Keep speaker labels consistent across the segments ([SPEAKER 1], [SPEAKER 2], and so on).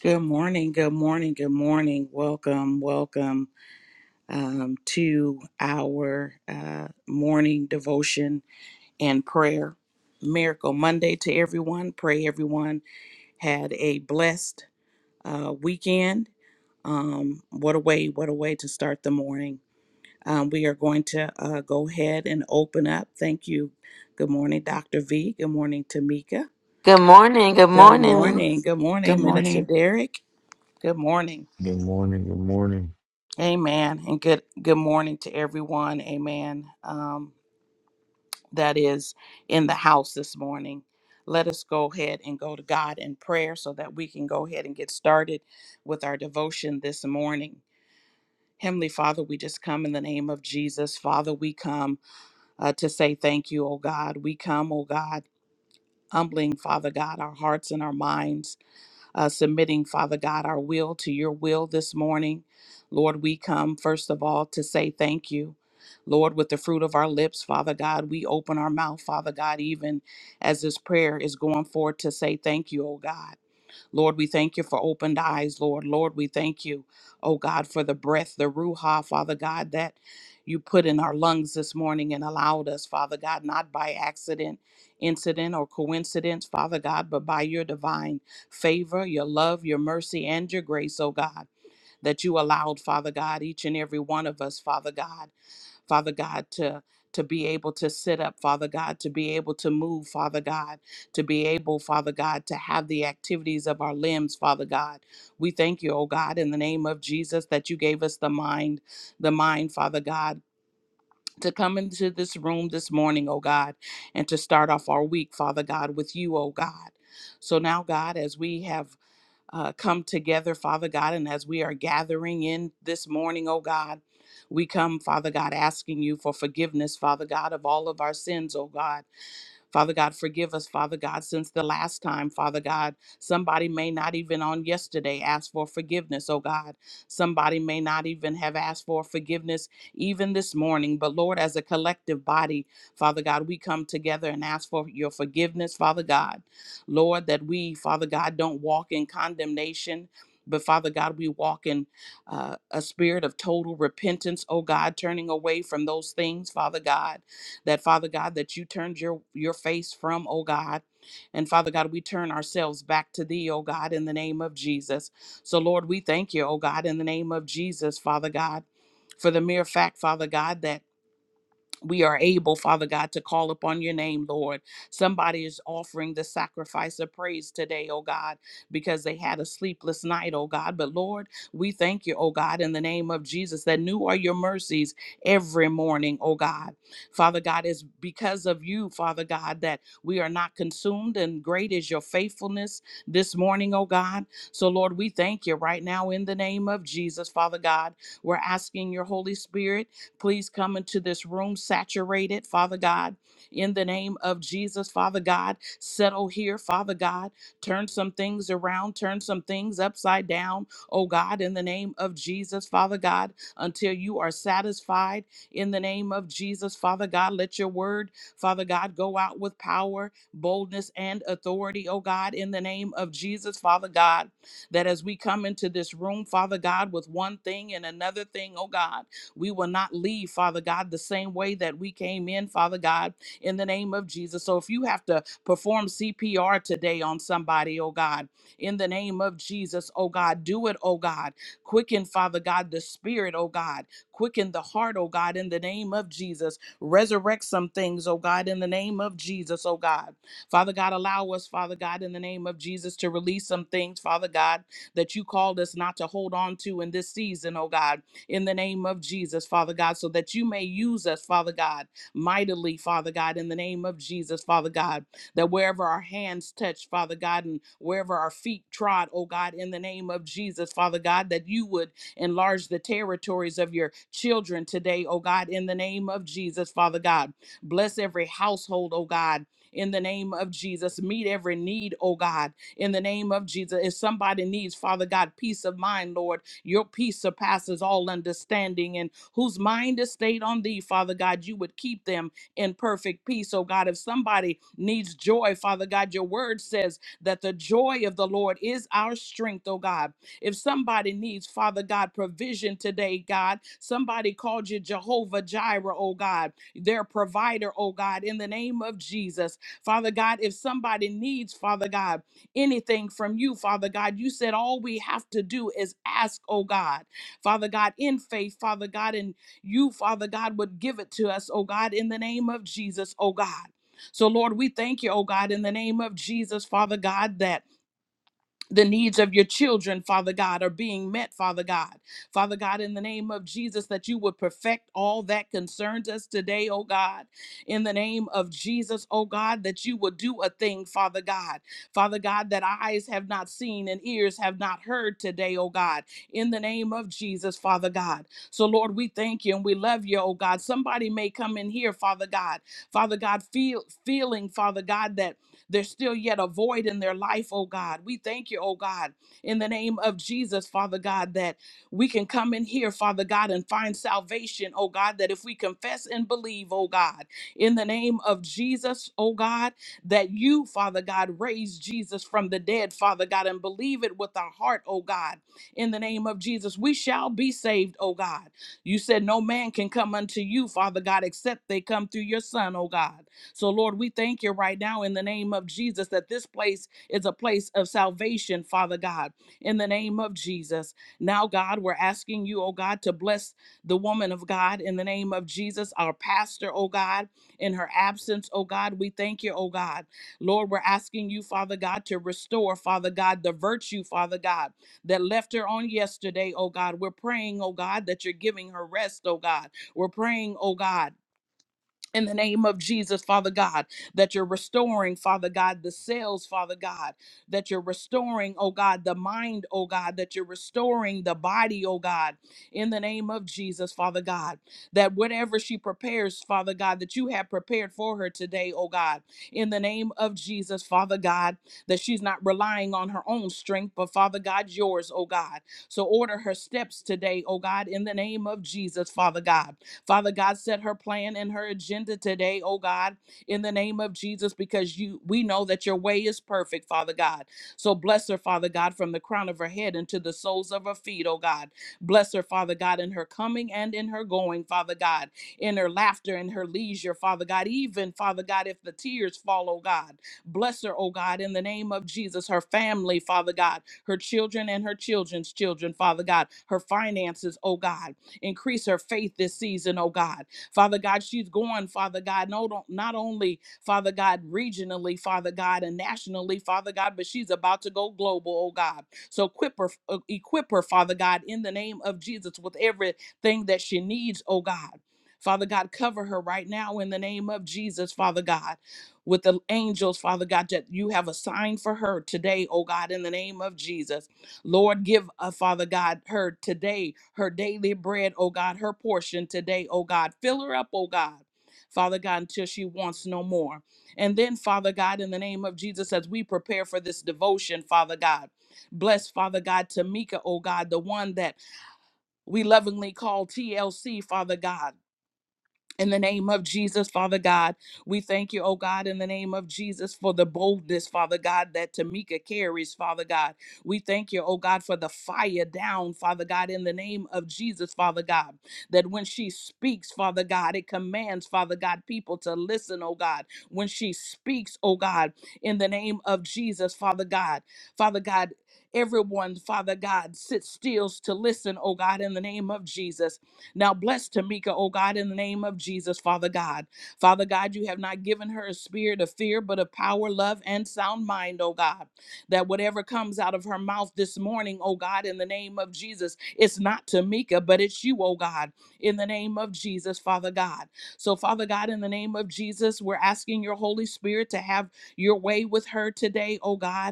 [SPEAKER 1] Good morning, good morning, good morning. Welcome, welcome um, to our uh, morning devotion and prayer. Miracle Monday to everyone. Pray everyone had a blessed uh, weekend. Um, what a way, what a way to start the morning. Um, we are going to uh, go ahead and open up. Thank you. Good morning, Dr. V. Good morning, Tamika.
[SPEAKER 2] Good morning. Good
[SPEAKER 1] Good
[SPEAKER 2] morning.
[SPEAKER 1] morning. Good
[SPEAKER 3] Good
[SPEAKER 1] morning, Minister
[SPEAKER 3] morning.
[SPEAKER 1] Derek. Good morning.
[SPEAKER 4] Good morning. Good morning.
[SPEAKER 1] Amen. And good good morning to everyone. Amen. Um, that is in the house this morning. Let us go ahead and go to God in prayer so that we can go ahead and get started with our devotion this morning. Heavenly Father, we just come in the name of Jesus. Father, we come uh, to say thank you, oh God. We come, oh God, humbling, Father God, our hearts and our minds uh, submitting, Father God, our will to your will this morning. Lord, we come first of all to say thank you. Lord, with the fruit of our lips, Father God, we open our mouth, Father God, even as this prayer is going forward to say thank you, oh God. Lord, we thank you for opened eyes, Lord. Lord, we thank you, oh God, for the breath, the Ruha, Father God, that you put in our lungs this morning and allowed us, Father God, not by accident, incident, or coincidence, Father God, but by your divine favor, your love, your mercy, and your grace, oh God, that you allowed, Father God, each and every one of us, Father God. Father God, to to be able to sit up, Father God, to be able to move, Father God, to be able, Father God, to have the activities of our limbs, Father God. We thank you, oh God, in the name of Jesus, that you gave us the mind, the mind, Father God. To come into this room this morning, oh God, and to start off our week, Father God, with you, oh God. So now, God, as we have uh, come together, Father God. And as we are gathering in this morning, oh God, we come, Father God, asking you for forgiveness, Father God, of all of our sins, oh God. Father God, forgive us, Father God, since the last time, Father God. Somebody may not even on yesterday ask for forgiveness, oh God. Somebody may not even have asked for forgiveness even this morning. But Lord, as a collective body, Father God, we come together and ask for your forgiveness, Father God. Lord, that we, Father God, don't walk in condemnation. But Father God, we walk in uh, a spirit of total repentance, oh God, turning away from those things, Father God, that Father God, that you turned your your face from, oh God. And Father God, we turn ourselves back to thee, oh God, in the name of Jesus. So Lord, we thank you, oh God, in the name of Jesus, Father God, for the mere fact, Father God, that we are able, Father God, to call upon your name, Lord. Somebody is offering the sacrifice of praise today, oh God, because they had a sleepless night, oh God. But Lord, we thank you, oh God, in the name of Jesus, that new are your mercies every morning, oh God. Father God, it's because of you, Father God, that we are not consumed, and great is your faithfulness this morning, oh God. So, Lord, we thank you right now in the name of Jesus, Father God. We're asking your Holy Spirit. Please come into this room saturated, Father God, in the name of Jesus, Father God. Settle here, Father God. Turn some things around, turn some things upside down, oh God, in the name of Jesus, Father God, until you are satisfied in the name of Jesus, Father God. Let your word, Father God, go out with power, boldness, and authority, oh God, in the name of Jesus, Father God that as we come into this room, Father God, with one thing and another thing, oh God. We will not leave, Father God, the same way that we came in, Father God, in the name of Jesus. So if you have to perform CPR today on somebody, oh God, in the name of Jesus, oh God, do it, oh God. Quicken, Father God, the spirit, oh God. Quicken the heart, oh God, in the name of Jesus. Resurrect some things, oh God, in the name of Jesus, oh God. Father God, allow us, Father God, in the name of Jesus, to release some things, Father God, that you called us not to hold on to in this season, oh God in the name of Jesus, Father God, so that you may use us, Father God, mightily, Father God, in the name of Jesus, Father God, that wherever our hands touch, Father God, and wherever our feet trod, oh God, in the name of Jesus, Father God, that you would enlarge the territories of your children today, oh God, in the name of Jesus, Father God. Bless every household, oh God. In the name of Jesus, meet every need, oh God. In the name of Jesus, if somebody needs, Father God, peace of mind, Lord, your peace surpasses all understanding, and whose mind is stayed on thee, Father God, you would keep them in perfect peace. Oh God, if somebody needs joy, Father God, your word says that the joy of the Lord is our strength, oh God. If somebody needs, Father God, provision today, God, somebody called you Jehovah Jireh, oh God, their provider, oh God, in the name of Jesus. Father God, if somebody needs, Father God, anything from you, Father God. You said all we have to do is ask, oh God, Father God, in faith, Father God, and you, Father God, would give it to us, oh God, in the name of Jesus, oh God. So, Lord, we thank you, oh God, in the name of Jesus, Father God, that the needs of your children, Father God, are being met, Father God. Father God, in the name of Jesus, that you would perfect all that concerns us today, oh God. In the name of Jesus, oh God, that you would do a thing, Father God. Father God, that eyes have not seen and ears have not heard today, oh God. In the name of Jesus, Father God. So, Lord, we thank you and we love you, oh God. Somebody may come in here, Father God. Father God, feel feeling, Father God, that there's still yet a void in their life, oh God. We thank you, oh God, in the name of Jesus, Father God, that we can come in here, Father God, and find salvation, oh God, that if we confess and believe, oh God, in the name of Jesus, oh God, that you, Father God, raised Jesus from the dead, Father God, and believe it with our heart, oh God, in the name of Jesus, we shall be saved, oh God. You said no man can come unto you, Father God, except they come through your Son, oh God. So, Lord, we thank you right now in the name of Jesus that this place is a place of salvation, Father God, in the name of Jesus. Now, God, we're asking you, oh God, to bless the woman of God in the name of Jesus, our pastor, oh God, in her absence, oh God. We thank you, oh God. Lord, we're asking you, Father God, to restore, Father God, the virtue, Father God, that left her on yesterday, oh God. We're praying, oh God, that you're giving her rest, oh God. We're praying, oh God in the name of Jesus, Father God, that you're restoring, Father God, the sales, Father God, that you're restoring, oh God, the mind, oh God, that you're restoring the body, oh God, in the name of Jesus, Father God, that whatever she prepares, Father God, that you have prepared for her today, oh God, in the name of Jesus, Father God, that she's not relying on her own strength, but Father God, yours, oh God. So order her steps today, oh God, in the name of Jesus, Father God Father God, set her plan and her agenda today, oh God, in the name of Jesus, because you we know that your way is perfect, Father God. So bless her, Father God, from the crown of her head into the soles of her feet, oh God. Bless her, Father God, in her coming and in her going, Father God, in her laughter and her leisure, Father God, even, Father God, if the tears fall, oh God. Bless her, oh God, in the name of Jesus, her family, Father God, her children and her children's children, Father God, her finances, oh God. Increase her faith this season, oh God. Father God, she's going, Father God, no, don't- not only, Father God, regionally, Father God, and nationally, Father God, but she's about to go global, oh God. So equip her, uh, equip her, Father God, in the name of Jesus with everything that she needs, oh God. Father God, cover her right now in the name of Jesus, Father God, with the angels, Father God, that you have assigned for her today, oh God, in the name of Jesus. Lord, give, uh, Father God, her today, her daily bread, oh God, her portion today, oh God. Fill her up, oh God. Father God, until she wants no more. And then, Father God, in the name of Jesus, as we prepare for this devotion, Father God, bless, Father God, Tamika, oh God, the one that we lovingly call TLC, Father God. In the name of Jesus, Father God, we thank you, oh God, in the name of Jesus for the boldness, Father God, that Tamika carries, Father God. We thank you, oh God, for the fire down, Father God, in the name of Jesus, Father God, that when she speaks, Father God, it commands, Father God, people to listen, oh God. When she speaks, oh God, in the name of Jesus, Father God, Father God, everyone, Father God, sit still to listen, oh God, in the name of Jesus. Now bless Tamika, oh God, in the name of Jesus, Father God. Father God, you have not given her a spirit of fear, but of power, love, and sound mind, oh God. That whatever comes out of her mouth this morning, oh God, in the name of Jesus, it's not Tamika, but it's you, oh God, in the name of Jesus, Father God. So, Father God, in the name of Jesus, we're asking your Holy Spirit to have your way with her today, oh God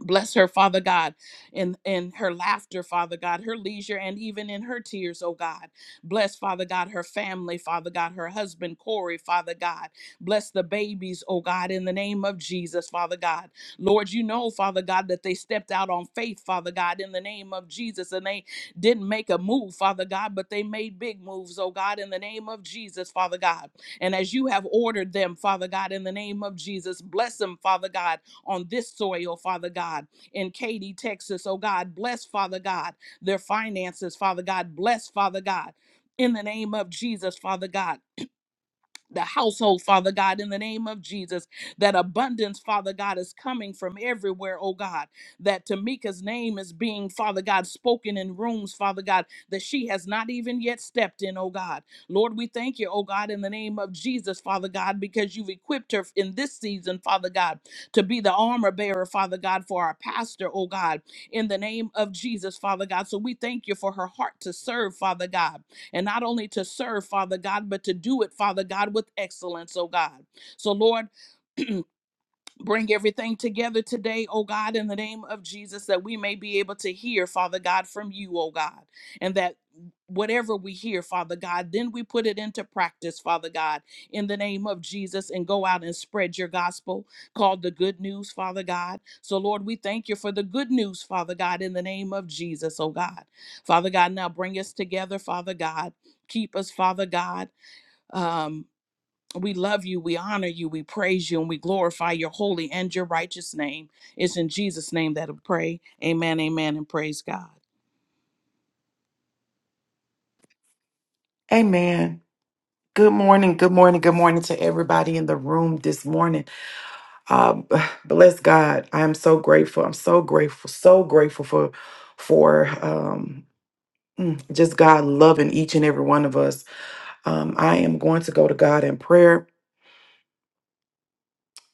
[SPEAKER 1] Bless her, Father God, in, in her laughter, Father God, her leisure, and even in her tears, oh God. Bless, Father God, her family, Father God, her husband, Corey, Father God. Bless the babies, oh God, in the name of Jesus, Father God. Lord, you know, Father God, that they stepped out on faith, Father God, in the name of Jesus, and they didn't make a move, Father God, but they made big moves, oh God, in the name of Jesus, Father God. And as you have ordered them, Father God, in the name of Jesus, bless them, Father God on this soil, Father God, in Katy, Texas. Oh God, bless, Father God, their finances, Father God. Bless, Father God, in the name of Jesus, Father God the household, Father God, in the name of Jesus. That abundance, Father God, is coming from everywhere, oh God. That Tamika's name is being, Father God, spoken in rooms, Father God, that she has not even yet stepped in, oh God. Lord, we thank you, oh God, in the name of Jesus, Father God, because you've equipped her in this season, Father God, to be the armor bearer, Father God, for our pastor, oh God, in the name of Jesus, Father God. So we thank you for her heart to serve, Father God and not only to serve, Father God, but to do it, Father God, with excellence, oh God. So, Lord, Bring everything together today, oh God, in the name of Jesus, that we may be able to hear, Father God, from you, oh God, and that whatever we hear, Father God, then we put it into practice, Father God, in the name of Jesus, and go out and spread your gospel called the good news, Father God. So, Lord, we thank you for the good news, Father God, in the name of Jesus, oh God. Father God, now bring us together, Father God. Keep us, Father God. Um, we love you, we honor you, we praise you, and we glorify your holy and your righteous name. It's in Jesus' name that I pray. Amen, amen, and praise God.
[SPEAKER 3] Amen. Good morning. Good morning. Good morning to everybody in the room this morning. Uh, b- bless God. I am so grateful. I'm so grateful. So grateful for for um, mm, just God loving each and every one of us. Um, I am going to go to God in prayer.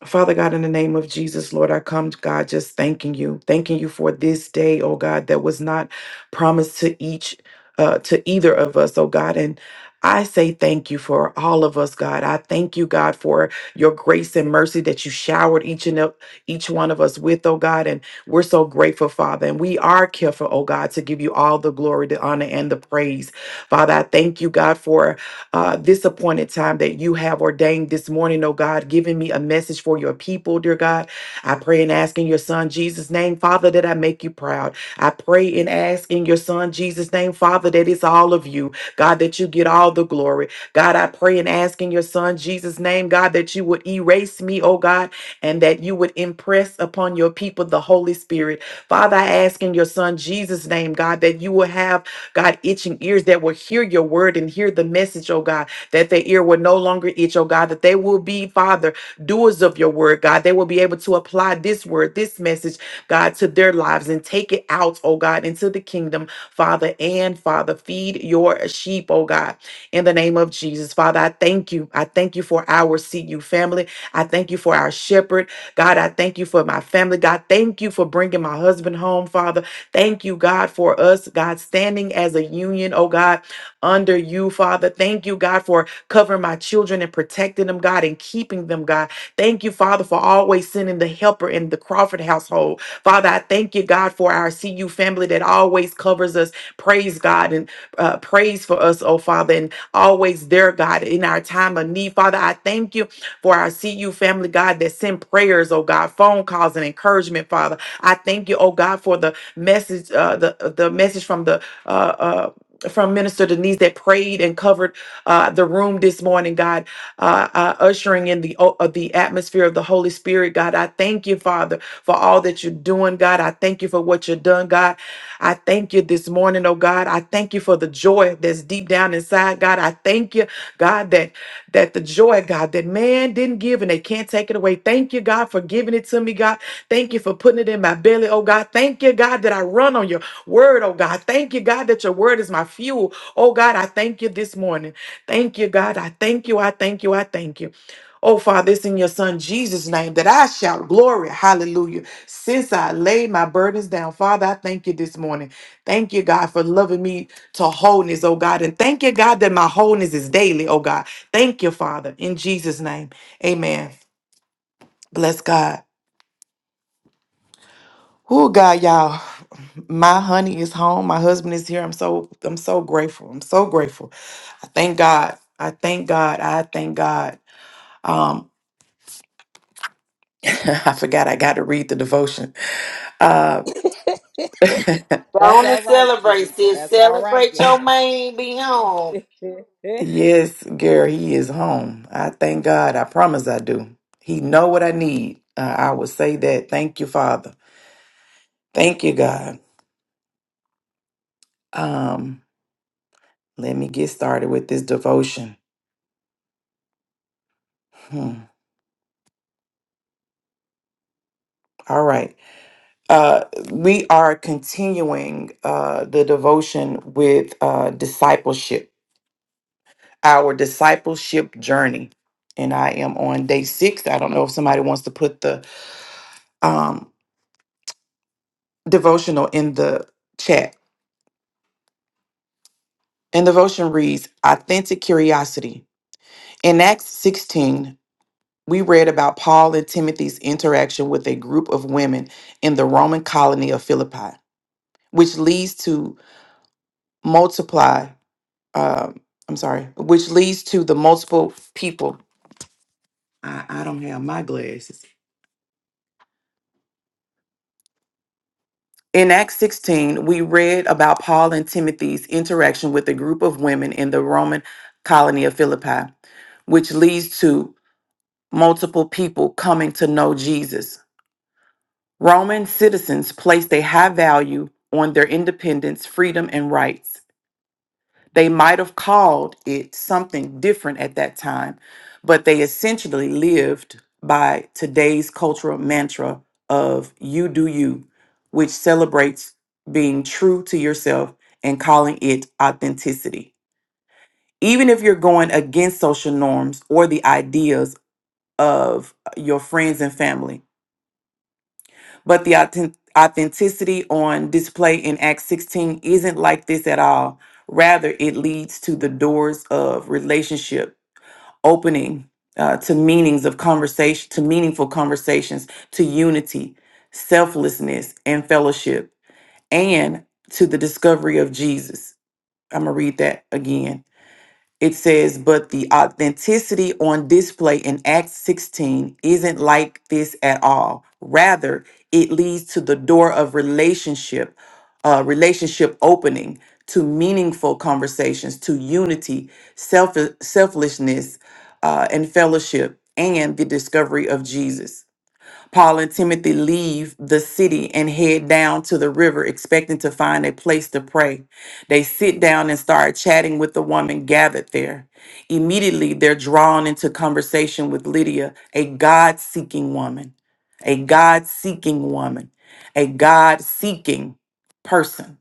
[SPEAKER 3] Father God, in the name of Jesus, Lord, I come, God, just thanking you, thanking you for this day, oh God, that was not promised to each, uh, to either of us, oh God. And I say thank you for all of us, God. I thank you, God, for your grace and mercy that you showered each and ev- each one of us with, oh God. And we're so grateful, Father. And we are careful, oh God, to give you all the glory, the honor, and the praise. Father, I thank you, God, for uh, this appointed time that you have ordained this morning, oh God, giving me a message for your people, dear God. I pray and ask in your son Jesus' name, Father, that I make you proud. I pray and ask in your son Jesus' name, Father, that it's all of you, God, that you get all the glory. God, I pray and ask in your son Jesus' name, God, that you would erase me, oh God, and that you would impress upon your people the Holy Spirit. Father, I ask in your son Jesus' name, God, that you will have God, itching ears that will hear your word and hear the message, oh God, that their ear will no longer itch, oh God, that they will be, Father, doers of your word, God. They will be able to apply this word, this message, God, to their lives and take it out, oh God, into the kingdom, Father and Father. Feed your sheep, oh God, in the name of Jesus. Father, I thank you. I thank you for our CU family. I thank you for our shepherd. God, I thank you for my family. God, thank you for bringing my husband home, Father. Thank you, God, for us, God, standing as a union, oh God, under you, Father. Thank you, God, for covering my children and protecting them, God, and keeping them, God. Thank you, Father, for always sending the helper in the Crawford household. Father, I thank you, God, for our CU family that always covers us. Praise God and uh, praise for us, oh Father, and always there, God, in our time of need. Father, I thank you for our CU family, God, that send prayers, oh God, phone calls and encouragement, Father. I thank you, oh God, for the message, uh, the the message from the uh, uh, from Minister Denise that prayed and covered uh, the room this morning, God, uh, uh, ushering in the o- uh, the atmosphere of the Holy Spirit, God. I thank you, Father, for all that you're doing, God. I thank you for what you've done, God. I thank you this morning, oh God. I thank you for the joy that's deep down inside, God. I thank you, God, that that the joy, God, that man didn't give and they can't take it away. Thank you, God, for giving it to me, God. Thank you for putting it in my belly, oh God. Thank you, God, that I run on your word, oh God. Thank you, God, that your word is my fuel. Oh God, I thank you this morning. Thank you, God. I thank you. I thank you. I thank you. Oh Father, it's in your son Jesus' name that I shout glory. Hallelujah. Since I laid my burdens down, Father, I thank you this morning. Thank you, God, for loving me to wholeness, oh God. And thank you, God, that my wholeness is daily, oh God. Thank you, Father, in Jesus' name. Amen. Bless God. Oh God, y'all. My honey is home. My husband is here. I'm so I'm so grateful. I'm so grateful. I thank God. I thank God. I thank God. Um I forgot I got to read the devotion. Uh
[SPEAKER 2] Go
[SPEAKER 1] That's
[SPEAKER 2] on and
[SPEAKER 1] all right,
[SPEAKER 2] celebrate,
[SPEAKER 1] Tamika.
[SPEAKER 2] sis.
[SPEAKER 1] That's all right,
[SPEAKER 2] Celebrate
[SPEAKER 1] gal.
[SPEAKER 2] your man be home.
[SPEAKER 3] yes, Gary, he is home. I thank God. I promise I do. He know what I need. Uh, I would say that. Thank you, Father. Thank you, God. Um, let me get started with this devotion. Hmm. All right. Uh, we are continuing uh, the devotion with uh, discipleship, our discipleship journey. And I am on day six. I don't know if somebody wants to put the um, devotional in the chat. And the devotion reads Authentic Curiosity. In Acts 16, we read about Paul and Timothy's interaction with a group of women in the Roman colony of Philippi, which leads to multiply um, I'm sorry, which leads to the multiple people. I, I don't have my glasses. In Acts 16, we read about Paul and Timothy's interaction with a group of women in the Roman colony of Philippi, which leads to multiple people coming to know Jesus. Roman citizens placed a high value on their independence, freedom, and rights. They might have called it something different at that time, but they essentially lived by today's cultural mantra of you do you, which celebrates being true to yourself and calling it authenticity. Even if you're going against social norms or the ideas of your friends and family, but the authen- authenticity on display in Acts 16 isn't like this at all. Rather, it leads to the doors of relationship opening uh, to meanings of conversation, to meaningful conversations, to unity, selflessness, and fellowship, and to the discovery of Jesus. I'm going to read that again it says, but the authenticity on display in Acts 16 isn't like this at all. Rather, it leads to the door of relationship, uh, relationship opening to meaningful conversations, to unity, self- selflessness, uh, and fellowship, and the discovery of Jesus. Paul and Timothy leave the city and head down to the river, expecting to find a place to pray. They sit down and start chatting with the woman gathered there. Immediately, they're drawn into conversation with Lydia, a God seeking woman, a God seeking woman, a God seeking person.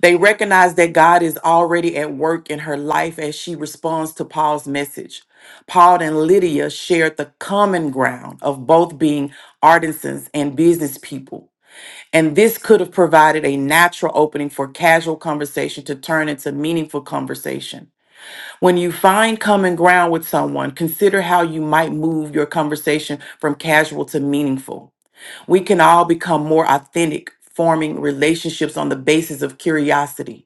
[SPEAKER 3] They recognize that God is already at work in her life as she responds to Paul's message. Paul and Lydia shared the common ground of both being artisans and business people. And this could have provided a natural opening for casual conversation to turn into meaningful conversation. When you find common ground with someone, consider how you might move your conversation from casual to meaningful. We can all become more authentic, forming relationships on the basis of curiosity.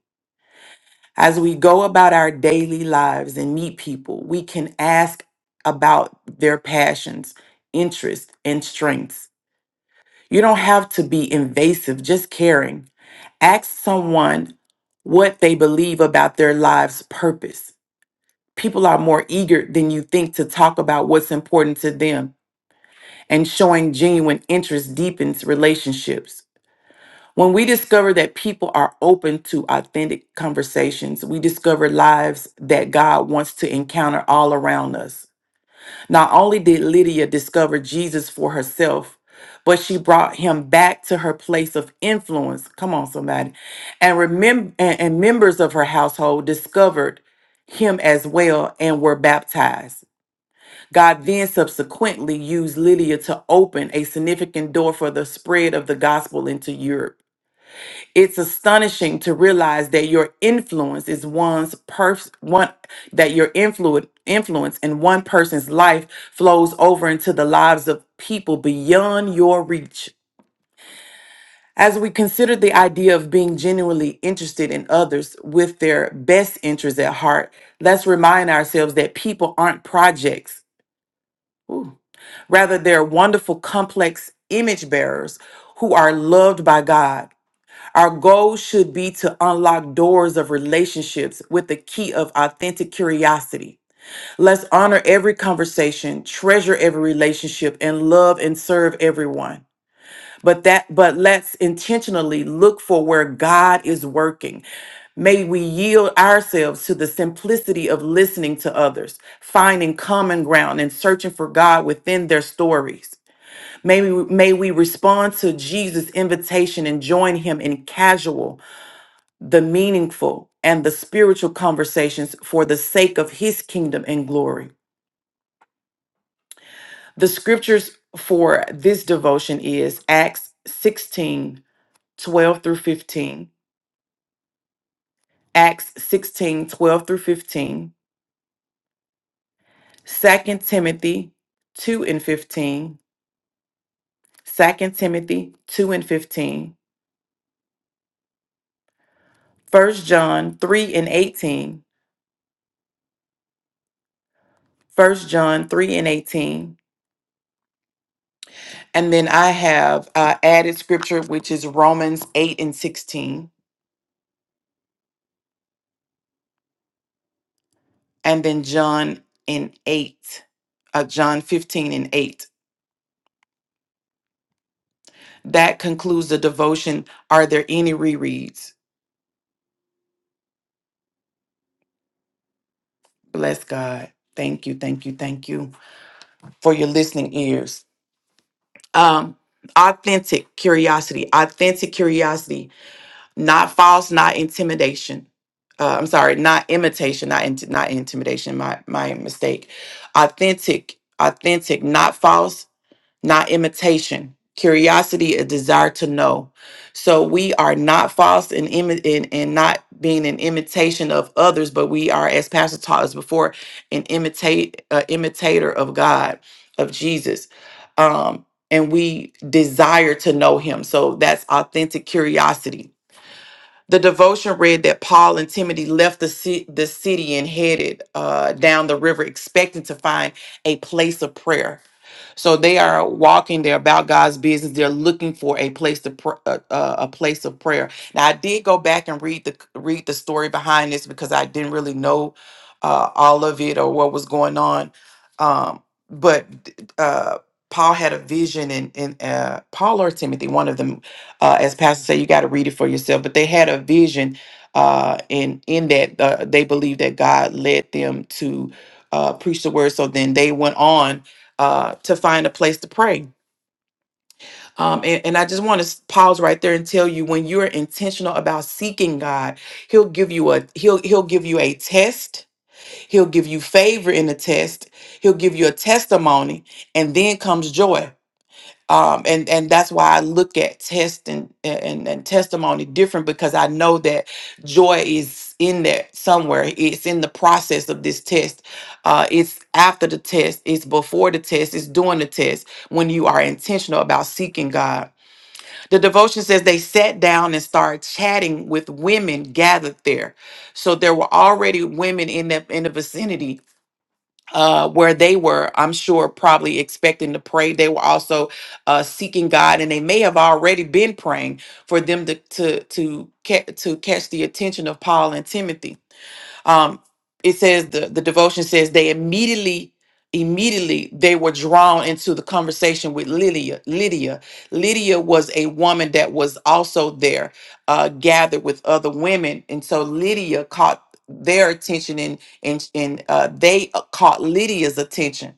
[SPEAKER 3] As we go about our daily lives and meet people, we can ask about their passions, interests, and strengths. You don't have to be invasive, just caring. Ask someone what they believe about their life's purpose. People are more eager than you think to talk about what's important to them, and showing genuine interest deepens relationships. When we discover that people are open to authentic conversations, we discover lives that God wants to encounter all around us. Not only did Lydia discover Jesus for herself, but she brought him back to her place of influence. Come on, somebody. And, remember, and, and members of her household discovered him as well and were baptized. God then subsequently used Lydia to open a significant door for the spread of the gospel into Europe. It's astonishing to realize that your influence is one's pers- one that your influence influence in one person's life flows over into the lives of people beyond your reach. As we consider the idea of being genuinely interested in others with their best interests at heart, let's remind ourselves that people aren't projects. Ooh. Rather, they're wonderful, complex image bearers who are loved by God. Our goal should be to unlock doors of relationships with the key of authentic curiosity. Let's honor every conversation, treasure every relationship, and love and serve everyone. But that but let's intentionally look for where God is working. May we yield ourselves to the simplicity of listening to others, finding common ground and searching for God within their stories. May we, may we respond to Jesus' invitation and join him in casual, the meaningful and the spiritual conversations for the sake of his kingdom and glory. The scriptures for this devotion is Acts 16 12 through 15, Acts 16 12 through 15, Second Timothy 2 and 15, Second Timothy 2 and 15, First John 3 and 18, First John 3 and 18. And then I have uh, added scripture, which is Romans 8 and 16. and then John in 8, uh, John 15 and 8. That concludes the devotion. Are there any rereads? Bless God. Thank you, thank you, thank you for your listening ears. Um, authentic curiosity, authentic curiosity, not false, not intimidation. Uh, I'm sorry, not imitation, not inti- not intimidation. My my mistake. Authentic, authentic, not false, not imitation. Curiosity, a desire to know. So we are not false and in, imi- in, in not being an imitation of others, but we are, as Pastor taught us before, an imitate uh, imitator of God, of Jesus. Um, and we desire to know him. So that's authentic curiosity the devotion read that Paul and Timothy left the, ci- the city and headed uh, down the river, expecting to find a place of prayer. So they are walking. They're about God's business. They're looking for a place to pr- uh, uh, a place of prayer. Now I did go back and read the read the story behind this because I didn't really know uh, all of it or what was going on. Um, but uh, Paul had a vision, and, and uh, Paul or Timothy, one of them uh, as pastor said, you got to read it for yourself. But they had a vision uh, in in that uh, they believed that God led them to uh, preach the word. So then they went on uh, to find a place to pray. Um, and, and I just want to pause right there and tell you when you're intentional about seeking God, He'll give you a He'll He'll give you a test. He'll give you favor in the test. He'll give you a testimony, and then comes joy um, and and that's why I look at test and, and and testimony different because I know that joy is in there somewhere. It's in the process of this test. Uh, it's after the test. It's before the test. It's during the test when you are intentional about seeking God. The devotion says they sat down and started chatting with women gathered there, so there were already women in the in the vicinity uh, where they were, I'm sure, probably expecting to pray. They were also uh, seeking God, and they may have already been praying for them to to to, ca- to catch the attention of Paul and Timothy. Um, it says the, the devotion says they immediately immediately they were drawn into the conversation with Lydia. Lydia. Lydia was a woman that was also there, uh, gathered with other women, and so Lydia caught their attention, and and and uh, they uh, caught Lydia's attention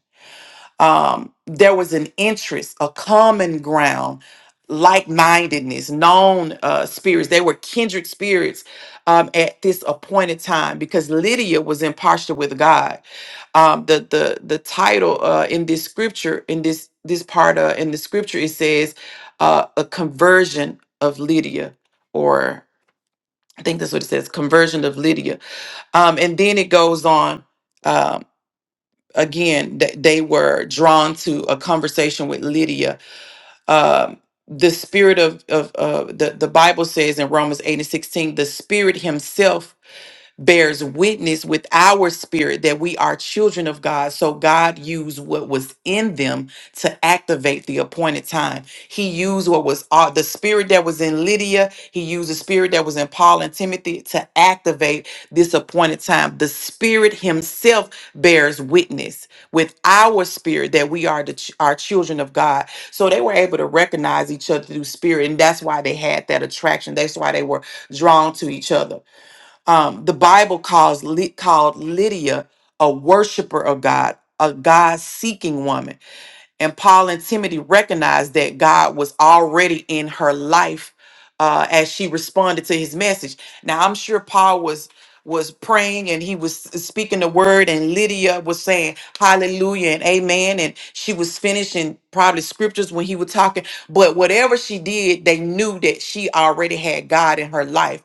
[SPEAKER 3] um, there was an interest, a common ground, like mindedness, known uh, spirits. They were kindred spirits um, at this appointed time because Lydia was in posture with God. Um, the the the title uh, in this scripture, in this this part uh, in the scripture, it says uh, a conversion of Lydia, or I think that's what it says, conversion of Lydia. Um, and then it goes on. um, again th- they were drawn to a conversation with lydia um, the spirit of, of uh, the, the bible says in romans 8 and 16 the spirit himself bears witness with our spirit that we are children of God. So God used what was in them to activate the appointed time. He used what was uh, the spirit that was in Lydia. He used the spirit that was in Paul and Timothy to activate this appointed time. The spirit himself bears witness with our spirit that we are the ch- are children of God. So they were able to recognize each other through spirit, and that's why they had that attraction. That's why they were drawn to each other um, the Bible calls Ly- called Lydia a worshiper of God, a God seeking woman. And Paul and Timothy recognized that God was already in her life uh, as she responded to his message. Now, I'm sure Paul was was praying and he was speaking the word and Lydia was saying hallelujah and amen and she was finishing probably scriptures when he was talking but whatever she did they knew that she already had God in her life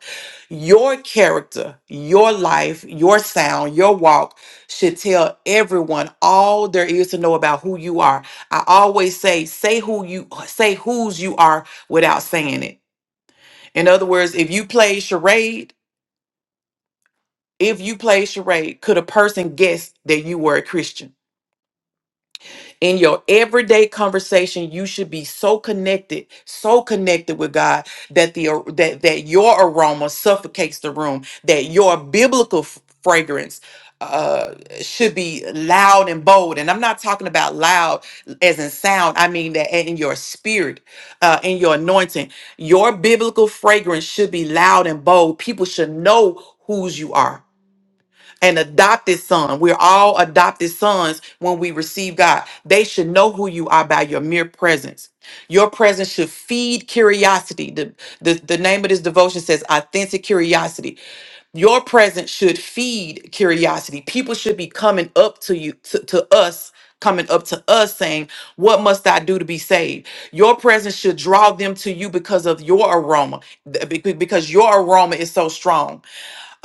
[SPEAKER 3] your character your life your sound your walk should tell everyone all there is to know about who you are I always say, say who you say whose you are without saying it. In other words, if you play charade, if you play charade, could a person guess that you were a Christian? in your everyday conversation you should be so connected so connected with god that the that that your aroma suffocates the room that your biblical f- fragrance uh should be loud and bold and i'm not talking about loud as in sound i mean that in your spirit uh in your anointing your biblical fragrance should be loud and bold people should know whose you are an adopted son. We're all adopted sons when we receive God. They should know who you are by your mere presence. Your presence should feed curiosity. The, the, the name of this devotion says authentic curiosity. Your presence should feed curiosity. People should be coming up to you, to, to us, coming up to us saying, What must I do to be saved? Your presence should draw them to you because of your aroma, th- be- because your aroma is so strong.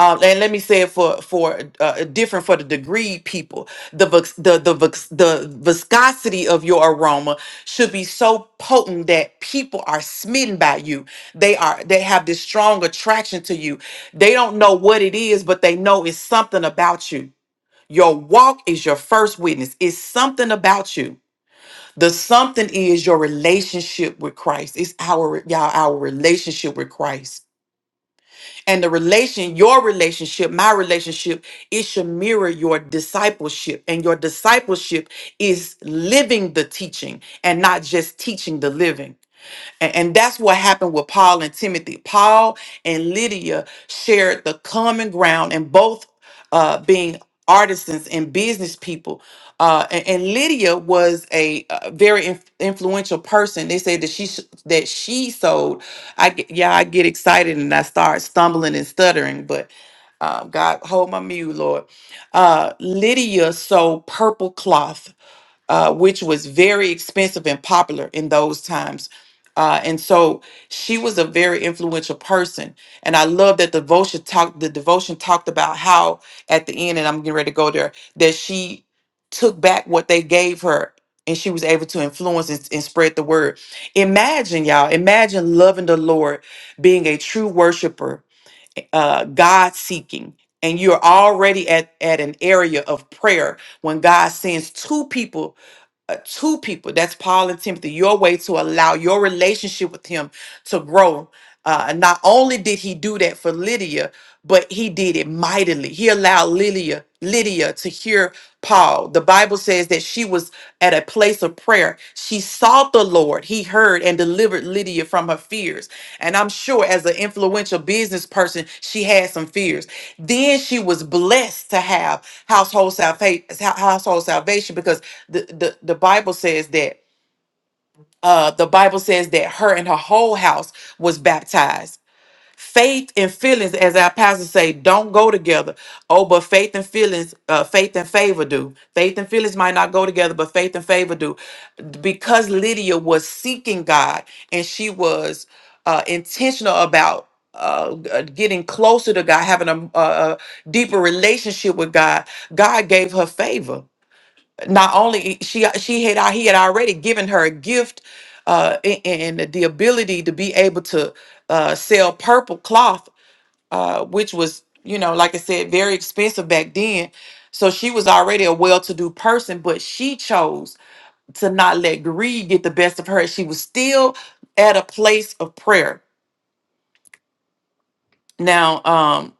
[SPEAKER 3] Um, and let me say it for for uh, different for the degree people. The vis- the the vis- the viscosity of your aroma should be so potent that people are smitten by you. They are they have this strong attraction to you. They don't know what it is, but they know it's something about you. Your walk is your first witness. It's something about you. The something is your relationship with Christ. It's our y'all our relationship with Christ and the relation your relationship my relationship it should mirror your discipleship and your discipleship is living the teaching and not just teaching the living and, and that's what happened with Paul and Timothy. Paul and Lydia shared the common ground and both uh, being artisans and business people. Uh, and, and Lydia was a, uh very inf- influential person. They said that she s- that she sold. I get, yeah, I get excited and I start stumbling and stuttering, but uh, God hold my mule, Lord. Uh, Lydia sold purple cloth uh, which was very expensive and popular in those times. Uh, and so she was a very influential person. And I love that devotion talked the devotion talked about how at the end, and I'm getting ready to go there, that she took back what they gave her and she was able to influence and, and spread the word. Imagine, y'all, imagine loving the Lord, being a true worshiper, uh, God seeking, and you're already at, at an area of prayer when God sends two people uh, two people that's paul and timothy your way to allow your relationship with him to grow uh, and not only did he do that for lydia but he did it mightily. He allowed Lydia, Lydia to hear Paul. The Bible says that she was at a place of prayer. She sought the Lord. He heard and delivered Lydia from her fears. And I'm sure as an influential business person, she had some fears. Then she was blessed to have household salvation household salvation because the, the, the Bible says that uh, the Bible says that her and her whole house was baptized faith and feelings as our pastor say don't go together oh but faith and feelings uh, faith and favor do faith and feelings might not go together but faith and favor do because lydia was seeking god and she was uh, intentional about uh, uh, getting closer to god having a, a a deeper relationship with god god gave her favor not only she she had he had already given her a gift uh, a- and the ability to be able to uh, sell purple cloth uh, which was, you know, like I said, very expensive back then. So she was already a well to do person, but she chose to not let greed get the best of her. She was still at a place of prayer. Now, um,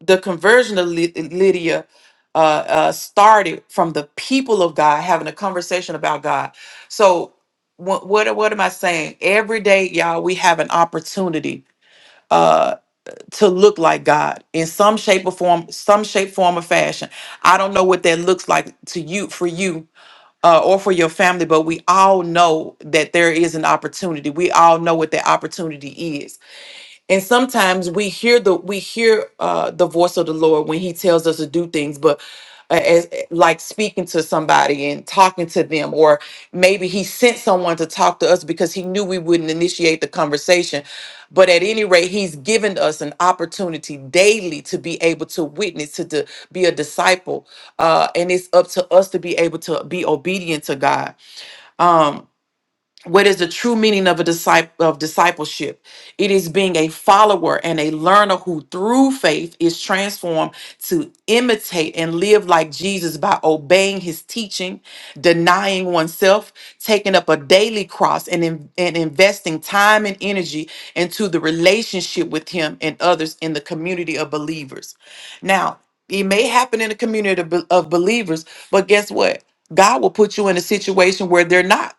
[SPEAKER 3] the conversion of Ly- Lydia uh, uh, started from the people of God having a conversation about God. So, what, what what am I saying? Every day, y'all, we have an opportunity uh, to look like God in some shape or form, some shape, form, or fashion. I don't know what that looks like to you, for you, uh, or for your family, but we all know that there is an opportunity. We all know what that opportunity is and sometimes we hear the we hear uh the voice of the lord when he tells us to do things but uh, as eh, like speaking to somebody and talking to them or maybe he sent someone to talk to us because he knew we wouldn't initiate the conversation but at any rate he's given us an opportunity daily to be able to witness to, to be a disciple uh and it's up to us to be able to be obedient to god Um, what is the true meaning of a disciple of discipleship it is being a follower and a learner who through faith is transformed to imitate and live like jesus by obeying his teaching denying oneself taking up a daily cross and, in- and investing time and energy into the relationship with him and others in the community of believers now it may happen in a community of be- of believers but guess what god will put you in a situation where they're not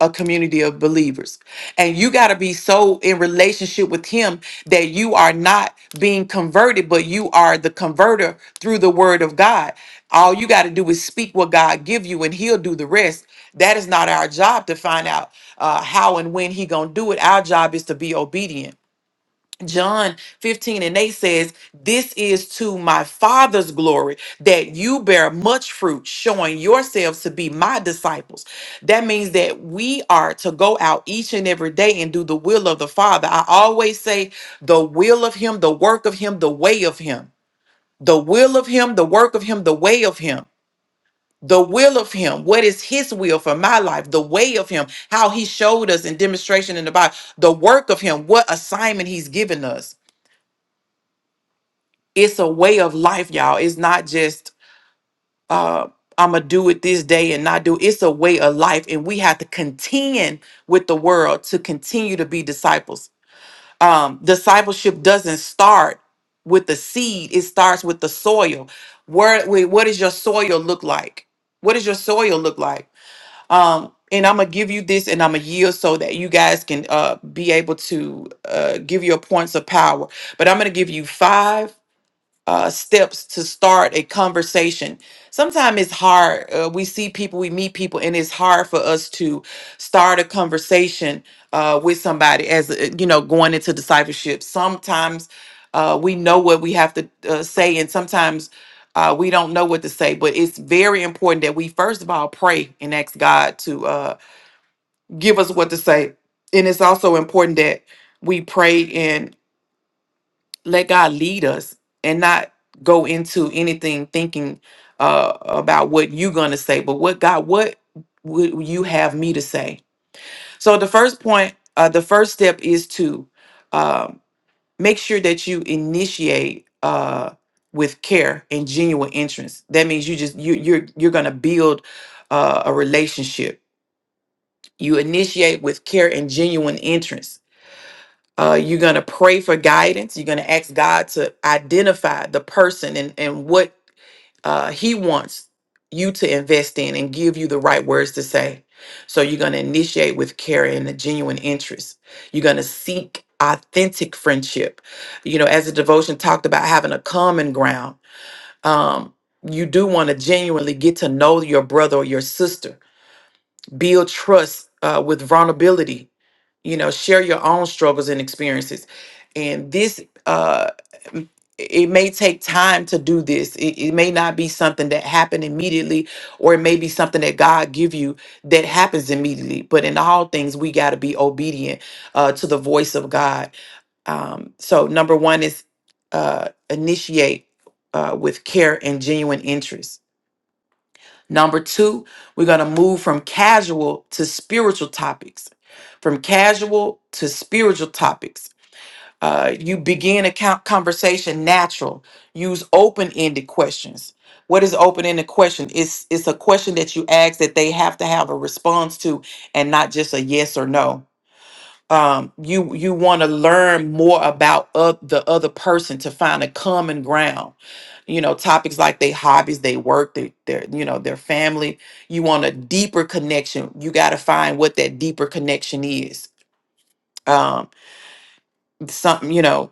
[SPEAKER 3] a community of believers. And you got to be so in relationship with him that you are not being converted, but you are the converter through the word of God. All you got to do is speak what God give you and he'll do the rest. That is not our job to find out uh, how and when he going to do it. Our job is to be obedient. John 15 and 8 says, This is to my Father's glory that you bear much fruit, showing yourselves to be my disciples. That means that we are to go out each and every day and do the will of the Father. I always say, The will of Him, the work of Him, the way of Him. The will of Him, the work of Him, the way of Him. The will of Him. What is His will for my life? The way of Him. How He showed us in demonstration in the Bible. The work of Him. What assignment He's given us it's a way of life, y'all. It's not just uh I'ma do it this day and not do it. it's a way of life. And we have to contend with the world to continue to be disciples. Um, discipleship doesn't start with the seed, it starts with the soil. Where wait, what does your soil look like? What does your soil look like? Um, and I'm gonna give you this and I'm gonna yield so that you guys can uh be able to uh give your points of power. But I'm gonna give you five uh, steps to start a conversation. Sometimes it's hard. Uh, we see people, we meet people, and it's hard for us to start a conversation uh, with somebody as uh, you know going into discipleship. Sometimes uh, we know what we have to uh, say, and sometimes uh, we don't know what to say. But it's very important that we first of all pray and ask God to uh, give us what to say, and it's also important that we pray let God lead us and not go into anything thinking uh, about what you're going to say, but what God, what would you have me to say? So the first point, uh, the first step is to um make sure that you initiate uh, with care and genuine interest. That means you just you you're you're going to build uh, a relationship. You initiate with care and genuine interest uh, you're going to pray for guidance. You're going to ask God to identify the person and, and what uh, He wants you to invest in and give you the right words to say. So you're going to initiate with care and a genuine interest. You're going to seek authentic friendship. You know, as the devotion talked about having a common ground, um, you do want to genuinely get to know your brother or your sister build trust uh, with vulnerability you know share your own struggles and experiences and this uh m- it may take time to do this it, it may not be something that happened immediately or it may be something that god give you that happens immediately but in all things we got to be obedient uh to the voice of god um so number one is uh initiate uh with care and genuine interest Number two, we're going to move from casual to spiritual topics. From casual to spiritual topics. Uh, you begin a co- conversation natural. Use open ended questions. What is open ended question? It's, it's a question that you ask that they have to have a response to and not just a yes or no um you you want to learn more about oth- the other person to find a common ground you know topics like their hobbies they work their, their you know their family you want a deeper connection you got to find what that deeper connection is um something you know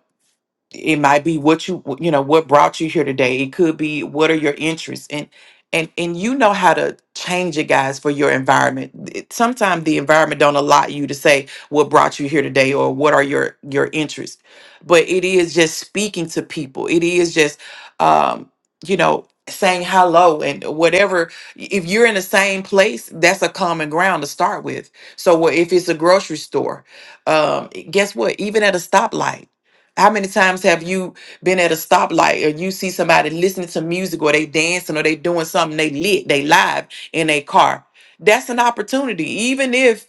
[SPEAKER 3] it might be what you you know what brought you here today it could be what are your interests and and and you know how to change it guys for your environment It- sometimes the environment don't allow you to say what brought you here today or what are your your interests but it is just speaking to people it is just um you know saying hello and whatever if you're in the same place that's a common ground to start with so what if it's a grocery store um guess what even at a stoplight how many times have you been at a stoplight or you see somebody listening to music or they dancing or they doing something they lit, they live in a car? That's an opportunity. Even if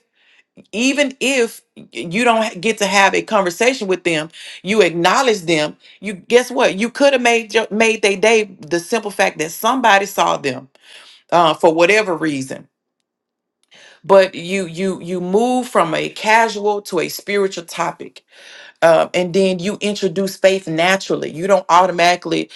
[SPEAKER 3] even if you don't get to have a conversation with them, you acknowledge them. You guess what? You could have made your, made their day the simple fact that somebody saw them uh, for whatever reason. But you you you move from a casual to a spiritual topic um, and then you introduce faith naturally. You don't automatically,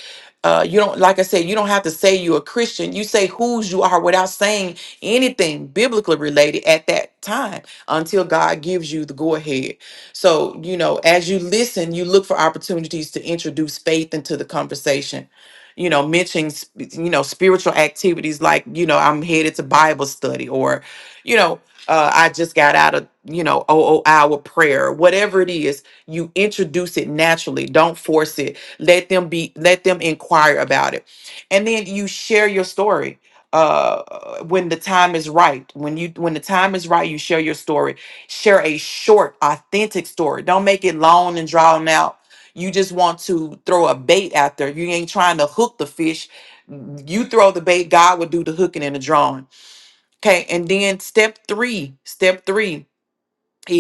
[SPEAKER 3] uh, you don't like I said, you don't have to say you're a Christian. You say whose you are without saying anything biblically related at that time until God gives you the go ahead. So you know, as you listen, you look for opportunities to introduce faith into the conversation. You know, mentioning sp- you know spiritual activities like you know I'm headed to Bible study or you know uh, I just got out of you know OO hour prayer, whatever it is you introduce it naturally don't force it let them be let them inquire about it and then you share your story uh when the time is right when you when the time is right you share your story share a short authentic story don't make it long and drawn out you just want to throw a bait out there you ain't trying to hook the fish you throw the bait god will do the hooking and the drawing okay and then step three step three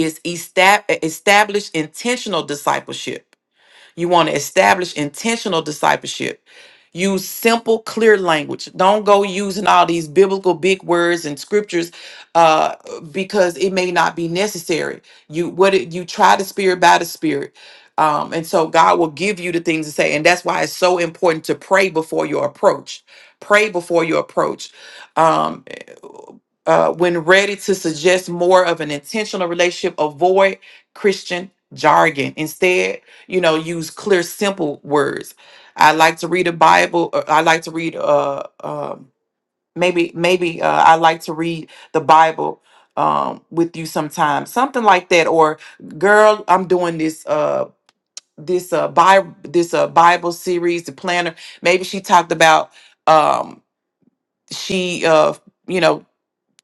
[SPEAKER 3] is estab- established intentional discipleship. You want to establish intentional discipleship. Use simple, clear language. Don't go using all these biblical big words and scriptures uh, because it may not be necessary. You what it, you try the spirit by the spirit. Um, and so God will give you the things to say. And that's why it's so important to pray before your approach. Pray before your approach. Um, eh, uh, when ready to suggest more of an intentional relationship, avoid Christian jargon. Instead, you know use clear simple words i like to read a bible or i like to read uh um maybe maybe uh, i like to read the bible um with you sometimes something like that or girl i'm doing this uh this uh bible this uh bible series the planner maybe she talked about um she uh you know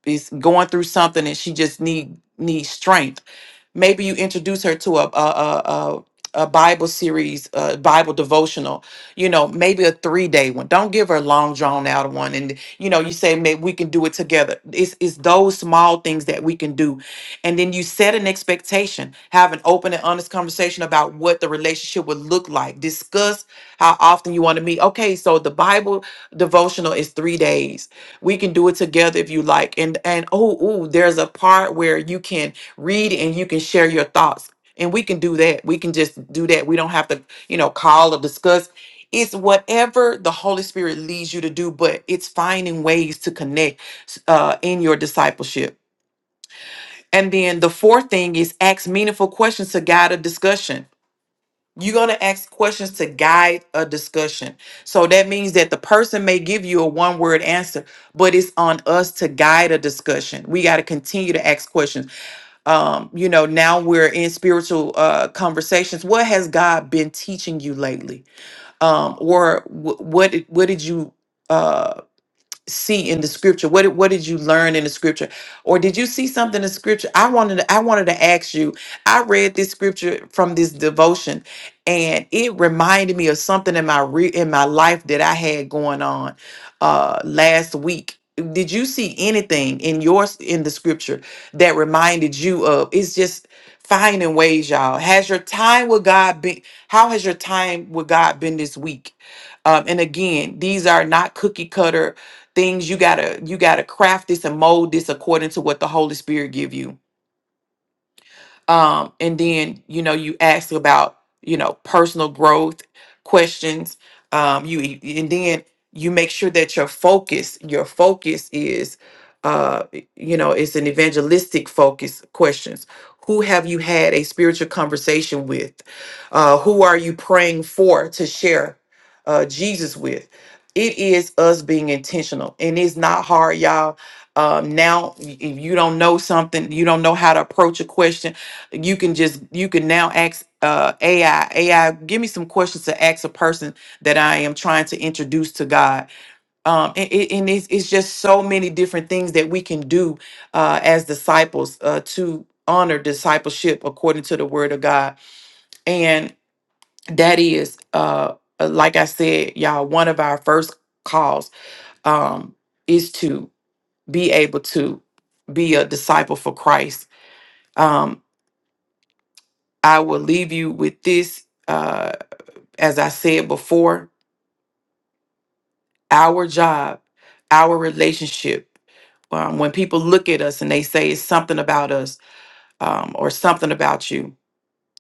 [SPEAKER 3] is going through something and she just need needs strength maybe you introduce her to a a a, a a Bible series, a Bible devotional, you know, maybe a three day one. Don't give her a long drawn out one. And, you know, you say, maybe we can do it together. It's, it's those small things that we can do. And then you set an expectation, have an open and honest conversation about what the relationship would look like. Discuss how often you want to meet. Okay, so the Bible devotional is three days. We can do it together if you like. And, and, oh, ooh, there's a part where you can read and you can share your thoughts and we can do that we can just do that we don't have to you know call or discuss it's whatever the holy spirit leads you to do but it's finding ways to connect uh, in your discipleship and then the fourth thing is ask meaningful questions to guide a discussion you're going to ask questions to guide a discussion so that means that the person may give you a one word answer but it's on us to guide a discussion we got to continue to ask questions um you know now we're in spiritual uh conversations what has god been teaching you lately um or wh- what did, what did you uh, see in the scripture? What did, what did you learn in the scripture? Or did you see something in scripture? I wanted to, I wanted to ask you. I read this scripture from this devotion and it reminded me of something in my re, in my life that I had going on uh last week. Did you see anything in yours in the scripture that reminded you of it's just finding ways y'all has your time with god been how has your time with god been this week um, and again these are not cookie cutter things you gotta you gotta craft this and mold this according to what the holy spirit give you um, and then, you know, you ask about, you know, personal growth questions. Um, you and then you make sure that your focus, your focus is uh you know it's an evangelistic focus questions who have you had a spiritual conversation with uh who are you praying for to share uh jesus with it is us being intentional and it's not hard y'all um now if you don't know something you don't know how to approach a question you can just you can now ask uh ai ai give me some questions to ask a person that i am trying to introduce to god um and, and and it's, it's just so many different things that we can do uh as disciples uh to honor discipleship according to the word of god and that is uh uh, like i said y'all one of our first calls um is to be able to be a disciple for christ um i will leave you with this Uh as I said before, our job, our relationship. Um, when people look at us and they say it's something about us um, or something about you,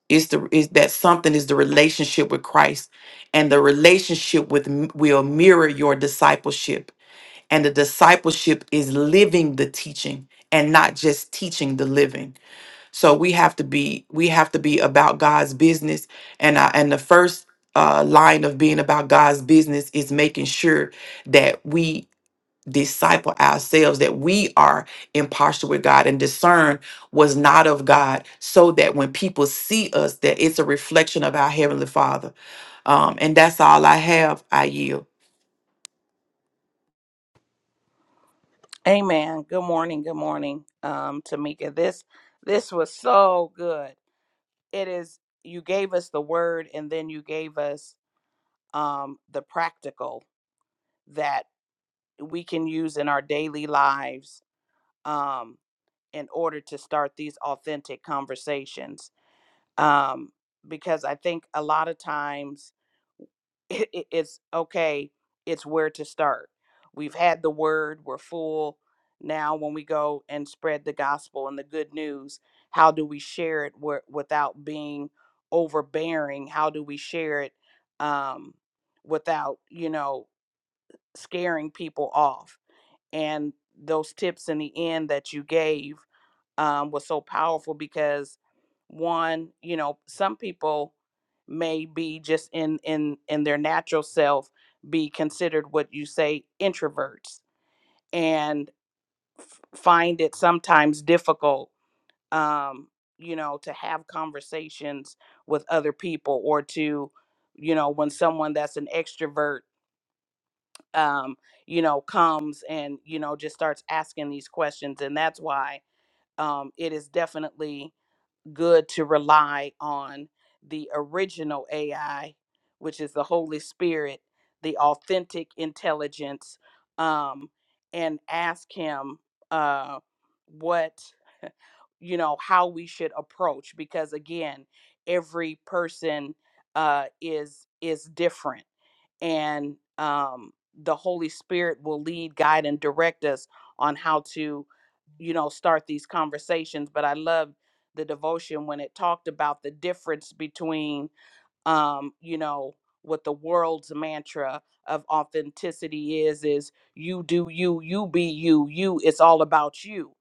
[SPEAKER 3] it's the is that something is the relationship with Christ, and the relationship with m- will mirror your discipleship, and the discipleship is living the teaching and not just teaching the living. So we have to be we have to be about God's business, and I, and the first uh, line of being about God's business is making sure that we disciple ourselves, that we are impartial with God and discern was not of God, so that when people see us, that it's a reflection of our heavenly Father. Um, and that's all I have. I yield.
[SPEAKER 1] Amen. Good morning. Good morning, um, Tamika. This this was so good. It is you gave us the word and then you gave us um the practical that we can use in our daily lives um, in order to start these authentic conversations. Um, because I think a lot of times it, it- it's okay, it's where to start. We've had the word, we're full. Now, when we go and spread the gospel and the good news, how do we share it wi- without being overbearing? How do we share it um, without, you know, scaring people off? And those tips in the end that you gave um, was so powerful because one you know some people may be just in in in their natural self be considered what you say introverts and f- find it sometimes difficult um you know to have conversations with other people or to you know when someone that's an extrovert um you know comes and you know just starts asking these questions and that's why um it is definitely good to rely on the original AI, which is the Holy Spirit, the authentic intelligence, um, and ask Him uh, what, you know, how we should approach. Because again, every person uh, is is different and um, the Holy Spirit will lead, guide, and direct us on how to, you know, start these conversations. But I love the devotion when it talked about the difference between, um, you know, what the world's mantra of authenticity is is you do you you be you you it's all about you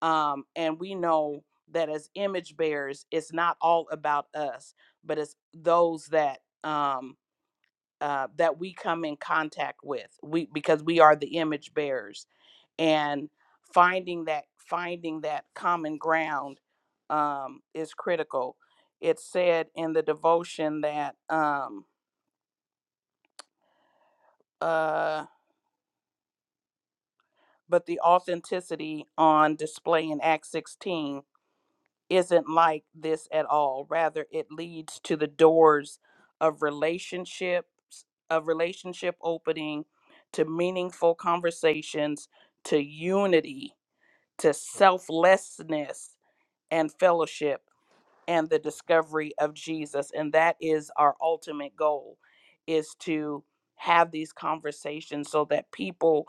[SPEAKER 1] um and we know that as image bearers it's not all about us but it's those that um uh, that we come in contact with we because we are the image bearers and finding that finding that common ground um, is critical it's said in the devotion that um, uh, but the authenticity on display in act 16 isn't like this at all. Rather, it leads to the doors of relationships, of relationship opening, to meaningful conversations, to unity, to selflessness and fellowship and the discovery of Jesus. And that is our ultimate goal is to have these conversations so that people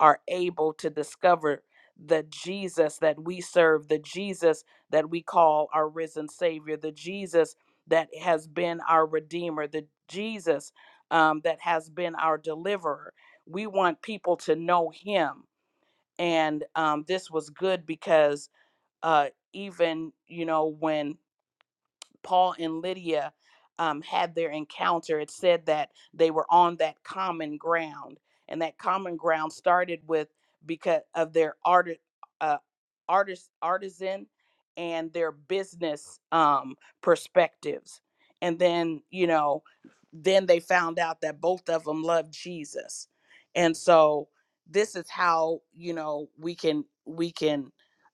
[SPEAKER 1] are able to discover the Jesus that we serve, the Jesus that we call our risen Savior, the Jesus that has been our Redeemer, the Jesus um, that has been our deliverer. We want people to know Him. And um, this was good because uh, even, you know, when Paul and Lydia um, had their encounter, it said that they were on that common ground. And that common ground started with because of their art, uh, artist, artisan and their business um, perspectives. And then, you know, then they found out that both of them loved Jesus. And so this is how, you know, we can we can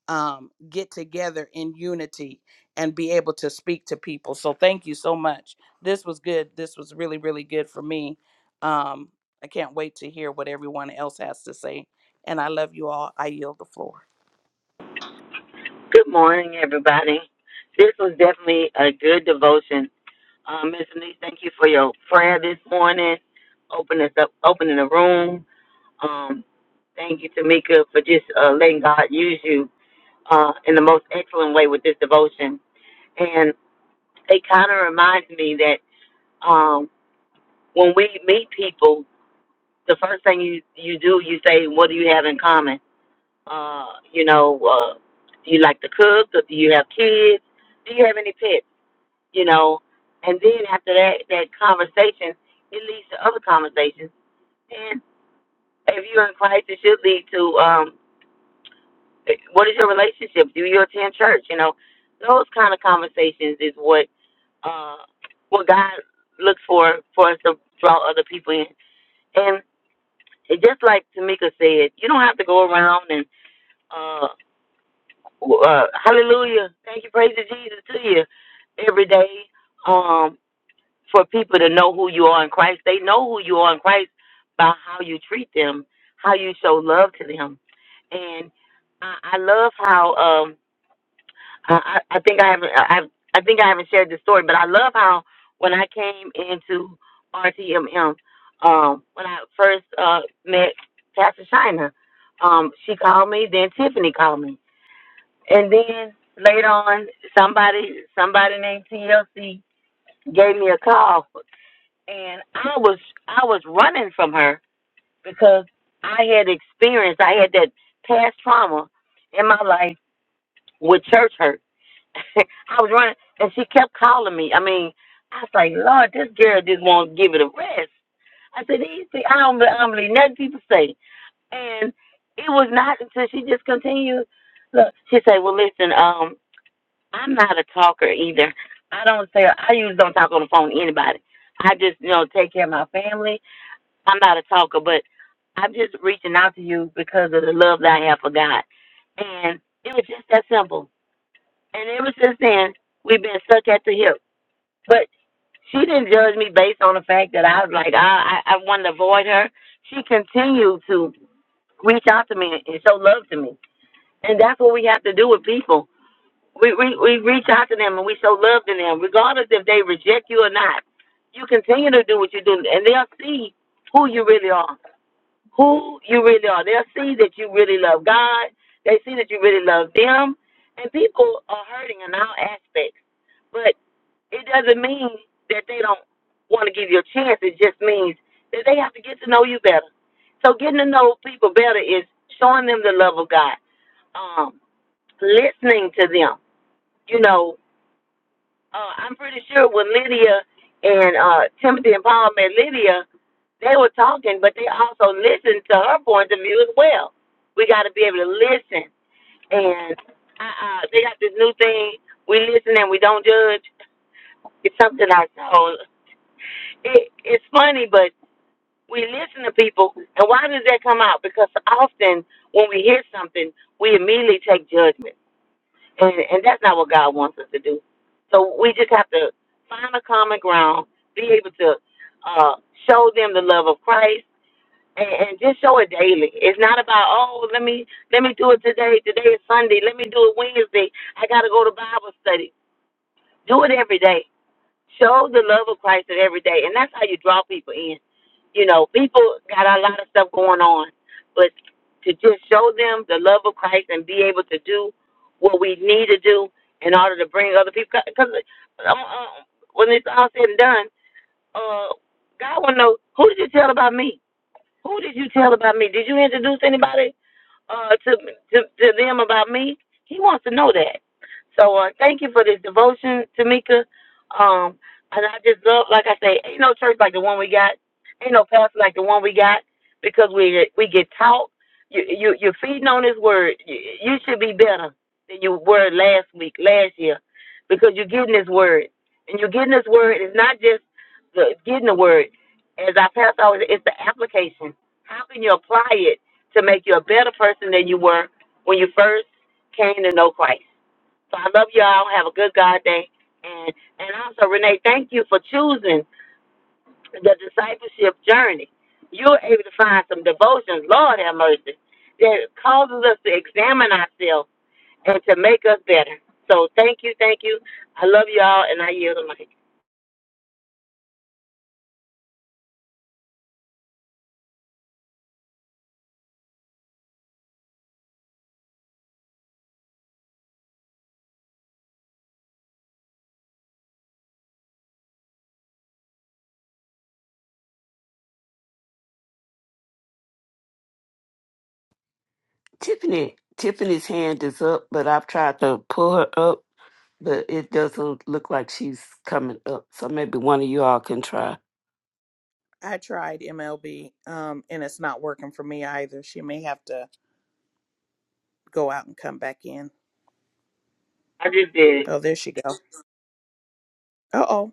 [SPEAKER 1] um get together in unity and be able to speak to people. So thank you so much. This was good. This was really, really good for me. Um, I can't wait to hear what everyone else has to say. And I love you all. I yield the floor.
[SPEAKER 2] Good morning, everybody. This was definitely a good devotion. Um, Miss Denise, thank you for your prayer this morning. Open us up, opening the room. Um, thank you, Tamika, for just uh, letting God use you uh, in the most excellent way with this devotion. And it kind of reminds me that um, when we meet people, the first thing you you do, you say, "What do you have in common?" Uh, you know, uh, do you like to cook? Or do you have kids? Do you have any pets? You know, and then after that, that conversation, it leads to other conversations. And if you're in Christ, it should lead to um, what is your relationship? Do you attend church? You know, those kind of conversations is what uh, what God looks for for us to draw other people in. And it just like Tamika said, you don't have to go around and uh, Well, uh, hallelujah. Thank you, praise to Jesus to you every day. Um, for people to know who you are in Christ, they know who you are in Christ by how you treat them, how you show love to them, and I, I love how um I, I I think I haven't I, I I think I haven't shared this story, but I love how when I came into RTMM, um, when I first uh met Pastor China, um, she called me, then Tiffany called me and then later on, somebody somebody named TLC gave me a call, and I was I was running from her because I had experience. I had that past trauma in my life with church hurt. I was running, and she kept calling me. I mean, I was like, Lord, this girl just won't give it a rest. I said, these people, I don't, I don't believe nothing people say. And it was not until she just continued. Look, she said, well, listen, um, I'm not a talker either. I don't say I usually don't talk on the phone to anybody. I just, you know, take care of my family. I'm not a talker, but I'm just reaching out to you because of the love that I have for God. And it was just that simple. And ever since then, we've been stuck at the hip. But she didn't judge me based on the fact that I was like, I, I, I wanted to avoid her. She continued to reach out to me and show love to me. And that's what we have to do with people we, we we reach out to them and we show love to them, regardless if they reject you or not. You continue to do what you do, and they'll see who you really are, who you really are. They'll see that you really love God. They see that you really love them, and people are hurting in all aspects. But it doesn't mean that they don't want to give you a chance. It just means that they have to get to know you better. So getting to know people better is showing them the love of God, um, listening to them. You know, uh, I'm pretty sure when Lydia and uh, Timothy and Paul met Lydia, they were talking, but they also listened to her point of view as well. We got to be able to listen, and uh, uh, they got this new thing: we listen and we don't judge. It's something I saw. It, it's funny, but we listen to people, and why does that come out? Because often when we hear something, we immediately take judgment. and and that's not what God wants us to do. So we just have to find a common ground, be able to uh, show them the love of Christ, and, and just show it daily. It's not about oh let me let me do it today. Today is Sunday. Let me do it Wednesday. I got to go to Bible study. Do it every day Show the love of Christ in every day, and that's how you draw people in. You know, people got a lot of stuff going on, but to just show them the love of Christ and be able to do what we need to do in order to bring other people. Because um, um, when it's all said and done, uh, God want to know who did you tell about me? Who did you tell about me? Did you introduce anybody? uh, to, to to them about me. He wants to know that. So uh, thank you for this devotion, Tamika. Um, and I just love, like I say, ain't no church like the one we got. Ain't no pastor like the one we got because we we get taught. You you you're feeding on this word. You, you should be better than you were last week, last year, because you're getting this word, and you're getting this word. It's not just the getting the word. As our pastor always, it's the application. How can you apply it? to make you a better person than you were when you first came to know Christ. So I love y'all. Have a good God day. And and also Renee, thank you for choosing the discipleship journey. You're able to find some devotions, Lord have mercy, that causes us to examine ourselves and to make us better. So thank you, thank you. I love y'all and I yield the mic.
[SPEAKER 5] Tiffany, Tiffany's hand is up, but I've tried to pull her up, but it doesn't look like she's coming up. So maybe one of you all can try.
[SPEAKER 1] I tried MLB, um, and it's not working for me either. She may have to go out and come back in.
[SPEAKER 2] I just did it.
[SPEAKER 1] Oh, there she go. Uh oh.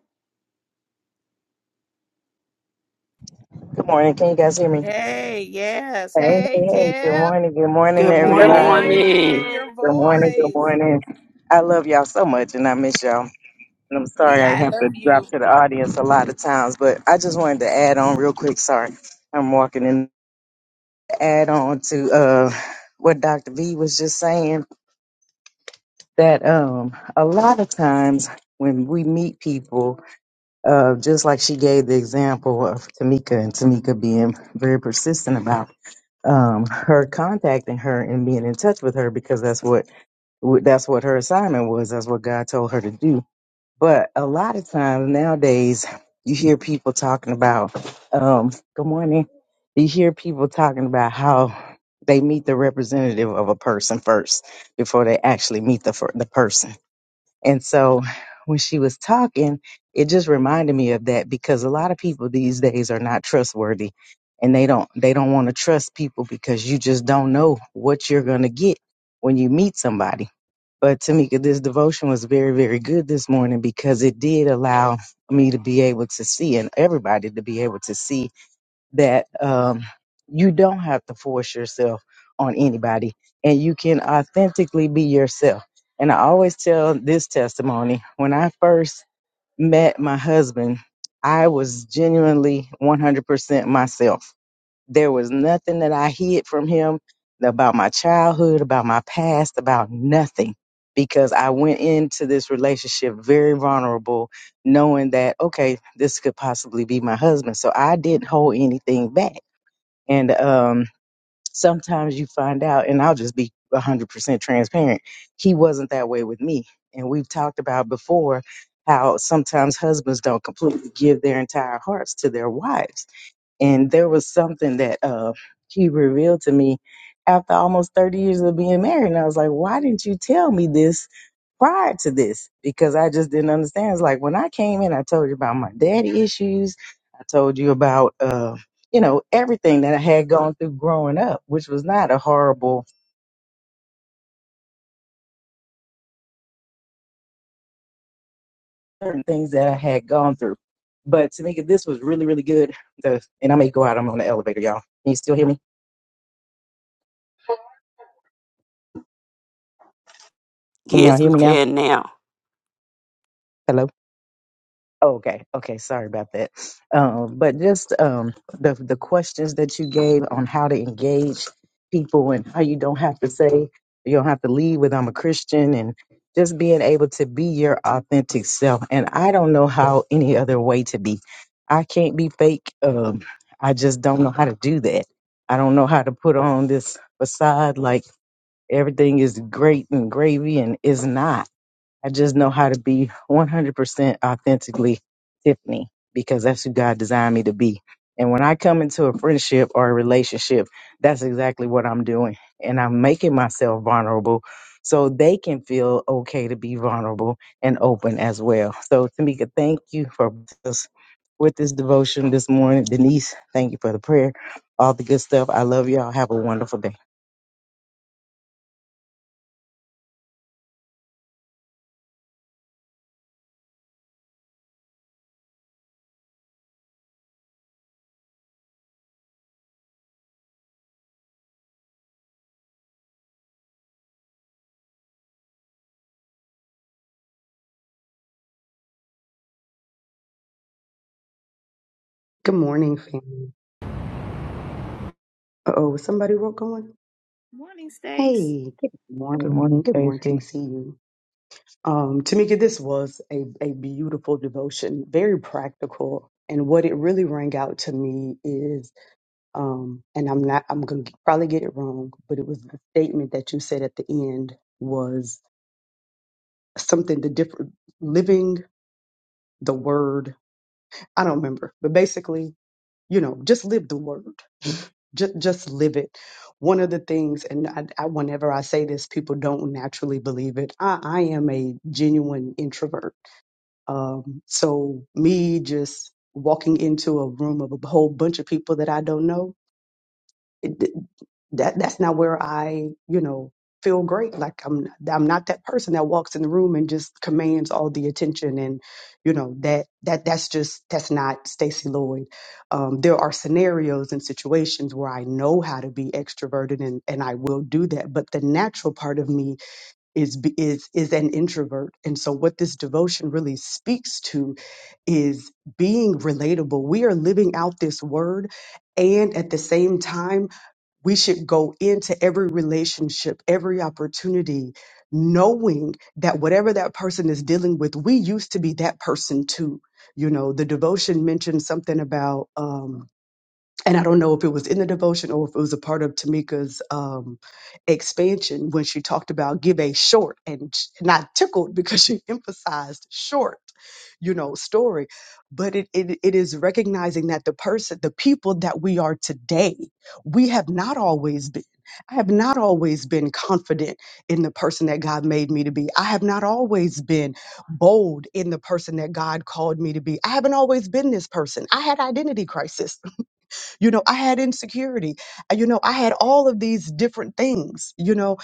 [SPEAKER 6] Good morning. Can you guys hear me?
[SPEAKER 1] Hey, yes.
[SPEAKER 6] Hey, hey,
[SPEAKER 1] Hey,
[SPEAKER 6] hey. Good
[SPEAKER 1] Tip.
[SPEAKER 6] morning. Good morning,
[SPEAKER 3] Good.
[SPEAKER 5] Good
[SPEAKER 2] Good
[SPEAKER 1] So
[SPEAKER 6] everybody.
[SPEAKER 1] good to hear
[SPEAKER 5] morning.
[SPEAKER 2] morning.
[SPEAKER 1] your
[SPEAKER 6] Good morning. Good
[SPEAKER 1] voice.
[SPEAKER 6] morning. I love y'all so much and I miss y'all. And I'm sorry
[SPEAKER 1] We
[SPEAKER 6] I
[SPEAKER 1] I
[SPEAKER 6] have to
[SPEAKER 1] love
[SPEAKER 6] drop
[SPEAKER 1] you.
[SPEAKER 6] to the audience a lot of times, but I just wanted to add on real quick. Sorry, I'm walking in. Add on to uh, what Dr. V was just saying that um, a lot of times when we meet people, uh, just like she gave the example of Tamika and Tamika being very persistent about. um, her contacting her and being in touch with her because that's what wh- that's what her assignment was. That's what God told her to do. But a lot of times nowadays, you hear people talking about, um, "Good morning." You hear people talking about how they meet the representative of a person first before they actually meet the fir- the person. And so when she was talking, it just reminded me of that because a lot of people these days are not trustworthy and they don't they don't want to trust people because you just don't know what you're going to get when you meet somebody. But Tamika, this devotion was very, very good this morning because it did allow me to be able to see and everybody to be able to see that um, you don't have to force yourself on anybody and you can authentically be yourself. And I always tell this testimony when I first met my husband, I was genuinely 100% myself. There was nothing that I hid from him about my childhood, about my past, about nothing, because I went into this relationship very vulnerable, knowing that, okay, this could possibly be my husband. So I didn't hold anything back. And um, sometimes you find out, and I'll just be 100% transparent, he wasn't that way with me. And we've talked about before how sometimes husbands don't completely give their entire hearts to their wives and there was something that uh, he revealed to me after almost 30 years of being married. And I was like, why didn't you tell me this prior to this? Because I just didn't understand. It's like when I came in, I told you about my daddy issues. I told you about, uh, you know, everything that I had gone through growing up, which was not a horrible, certain things that I had gone through. But Tamika, this was really, really good. The, and I may go out. I'm on the elevator, y'all. Can you still hear me? Can y'all
[SPEAKER 5] Yes,
[SPEAKER 6] hear
[SPEAKER 5] we
[SPEAKER 6] me now?
[SPEAKER 5] can now.
[SPEAKER 6] Hello? Oh, okay, okay. Sorry about that. Um, but just um, the the questions that you gave on how to engage people and how you don't have to say you don't have to lead with "I'm a Christian" and just being able to be your authentic self. And I don't know how any other way to be. I can't be fake. Um, I just don't know how to do that. I don't know how to put on this facade like everything is great and gravy and is not I just know how to be 100% authentically Tiffany because that's who God designed me to be. And when I come into a friendship or a relationship, that's exactly what I'm doing. And I'm making myself vulnerable so they can feel okay to be vulnerable and open as well. So, Tamika, thank you for this, with this devotion this morning. Denise, thank you for the prayer, all the good stuff. I love y'all. Have a wonderful day.
[SPEAKER 7] Good morning, family. Uh oh, somebody wrote going.
[SPEAKER 1] Morning, Stace.
[SPEAKER 7] Hey, good
[SPEAKER 6] Good
[SPEAKER 7] morning.
[SPEAKER 6] morning,
[SPEAKER 7] Good
[SPEAKER 6] Casey.
[SPEAKER 7] morning. See you. Um, Tamika, this was a, a beautiful devotion, very practical. And what it really rang out to me is, um, and I'm not, I'm going to probably get it wrong, but it was the statement that you said at the end was something the different, living the word. I don't remember, but basically You know, just live the word. Just, just live it. One of the things, and I, I, whenever I say this, people don't naturally believe it. I, I am a genuine introvert. Um, so me just walking into a room of a whole bunch of people that I don't know, it- th- that that's not where I, you know, feel great. Like I'm I'm not that person that walks in the room and just commands all the attention and, you know, that that that's just that's not Stacy Lloyd. Um, there are scenarios and situations where I know how to be extroverted and and I will do that, but the natural part of me is be- is is an introvert. And so what this devotion really speaks to is being relatable. We are living out this word and at the same time we should go into every relationship, every opportunity, knowing that whatever that person is dealing with, we used to be that person too. You know, the devotion mentioned something about um, and I don't know if it was in the devotion or if it was a part of Tamika's um, expansion when she talked about give a short and sh- not tickled because she emphasized short, you know, story. But it, it it is recognizing that the person, the people that we are today, we have not always been. I have not always been confident in the person that God made me to be. I have not always been bold in the person that God called me to be. I haven't always been this person. I had identity crisis. You know, I had insecurity. You know, I had all of these different things, you know,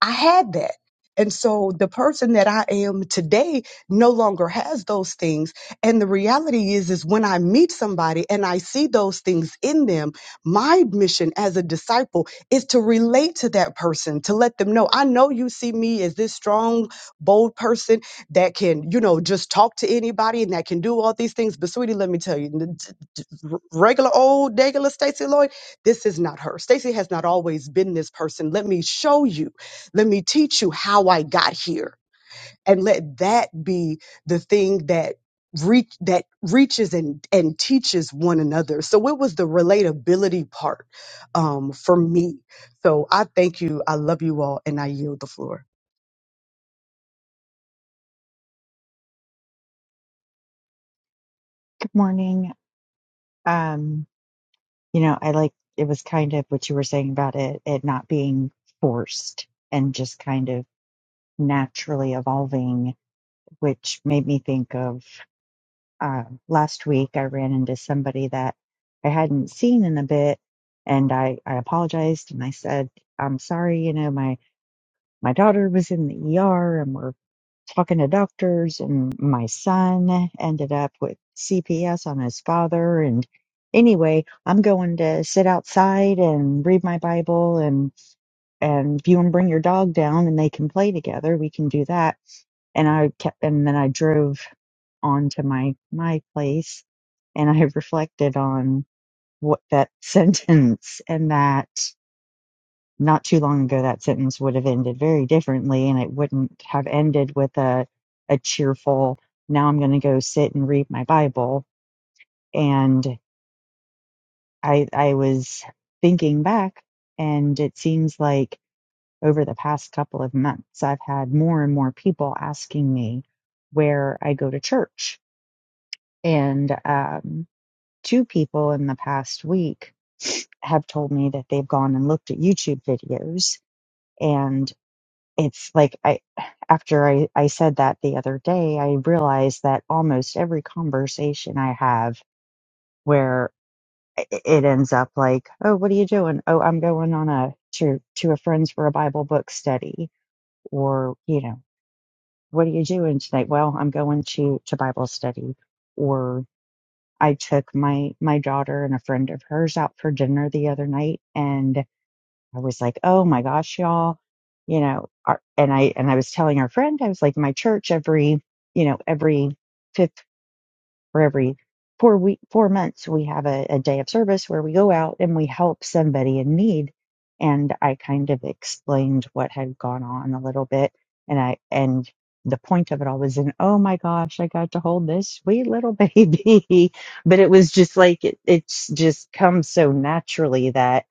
[SPEAKER 7] I had that. And so the person that I am today no longer has those things. And the reality is, is when I meet somebody and I see those things in them, my mission as a disciple is to relate to that person, to let them know, I know you see me as this strong, bold person that can, you know, just talk to anybody and that can do all these things. But sweetie, let me tell you, n- d- d- r- regular old, regular Stacey Lloyd, this is not her. Stacey has not always been this person. Let me show you. Let me teach you how I got here. And let that be the thing that reach that reaches and, and teaches one another. So it was the relatability part um, for me. So I thank you. I love you all and I yield the floor.
[SPEAKER 8] Good morning. Um, you know, I like it was kind of what you were saying about it, it not being forced and just kind of naturally evolving, which made me think of uh, last week I ran into somebody that I hadn't seen in a bit, and I I apologized and I said I'm sorry. You know, my my daughter was in the ER and we're talking to doctors and my son ended up with CPS on his father and anyway I'm going to sit outside and read my bible and and if you want to bring your dog down and they can play together we can do that and I kept and then I drove on to my my place and I reflected on what that sentence and that not too long ago, that sentence would have ended very differently, and it wouldn't have ended with a, a cheerful, now I'm going to go sit and read my Bible. And I, I was thinking back, and it seems like over the past couple of months, I've had more and more people asking me where I go to church. And um, two people in the past week have told me that they've gone and looked at YouTube videos and. it's like I after I, I said that the other day, I realized that almost every conversation I have where i- it ends up like, oh, what are you doing? Oh, I'm going on a to to a friend's for a Bible book study, or you know, what are you doing tonight? Well, I'm going to to Bible study, or I took my my daughter and a friend of hers out for dinner the other night, and. I was like, oh my gosh, y'all, you know, our, and I, and I was telling our friend, I was like, my church every, you know, every fifth for every four week four months we have a, a day of service where we go out and we help somebody in need and i kind of explained what had gone on a little bit and i and the point of it all was in oh my gosh i got to hold this sweet little baby but it was just like it, it's just comes so naturally that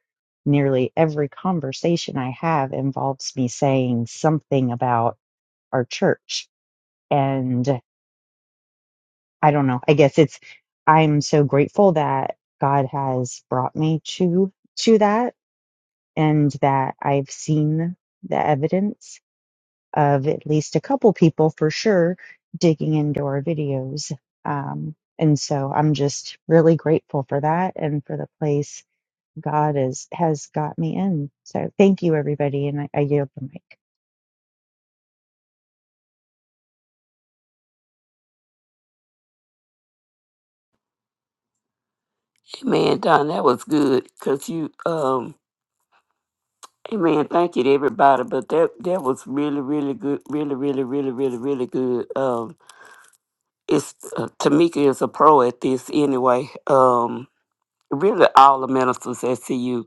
[SPEAKER 8] nearly every conversation i have involves me saying something about our church I don't know. I guess it's I'm so grateful that God has brought me to to that and that I've seen the evidence of at least a couple people for sure digging into our videos. Um and so I'm just really grateful for that and for the place God is has got me in. So thank you everybody and I, I yield the mic.
[SPEAKER 5] Amen, Don. That was good because you, um, Amen. Thank you to everybody, but that that was really, really good. Really, really, really, really, really good. Um, it's uh, Tamika is a pro at this anyway. Um, really, all the ministers at CU.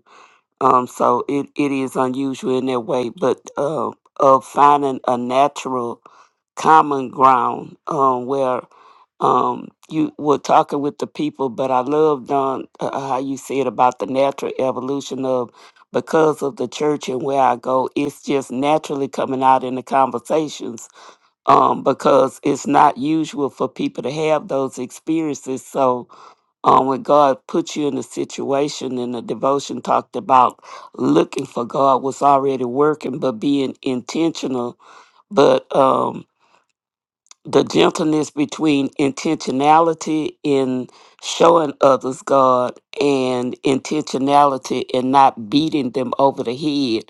[SPEAKER 5] Um, so it, it is unusual in that way, but uh, of finding a natural common ground um, where um, you were talking with the people. But I love Don uh, uh, how you said about the natural evolution of because of the church and where I go, it's just naturally coming out in the conversations um, because it's not usual for people to have those experiences. So um, when God put you in a situation and the devotion talked about looking for God was already working, but being intentional. But um, the gentleness between intentionality in showing others God and intentionality in not beating them over the head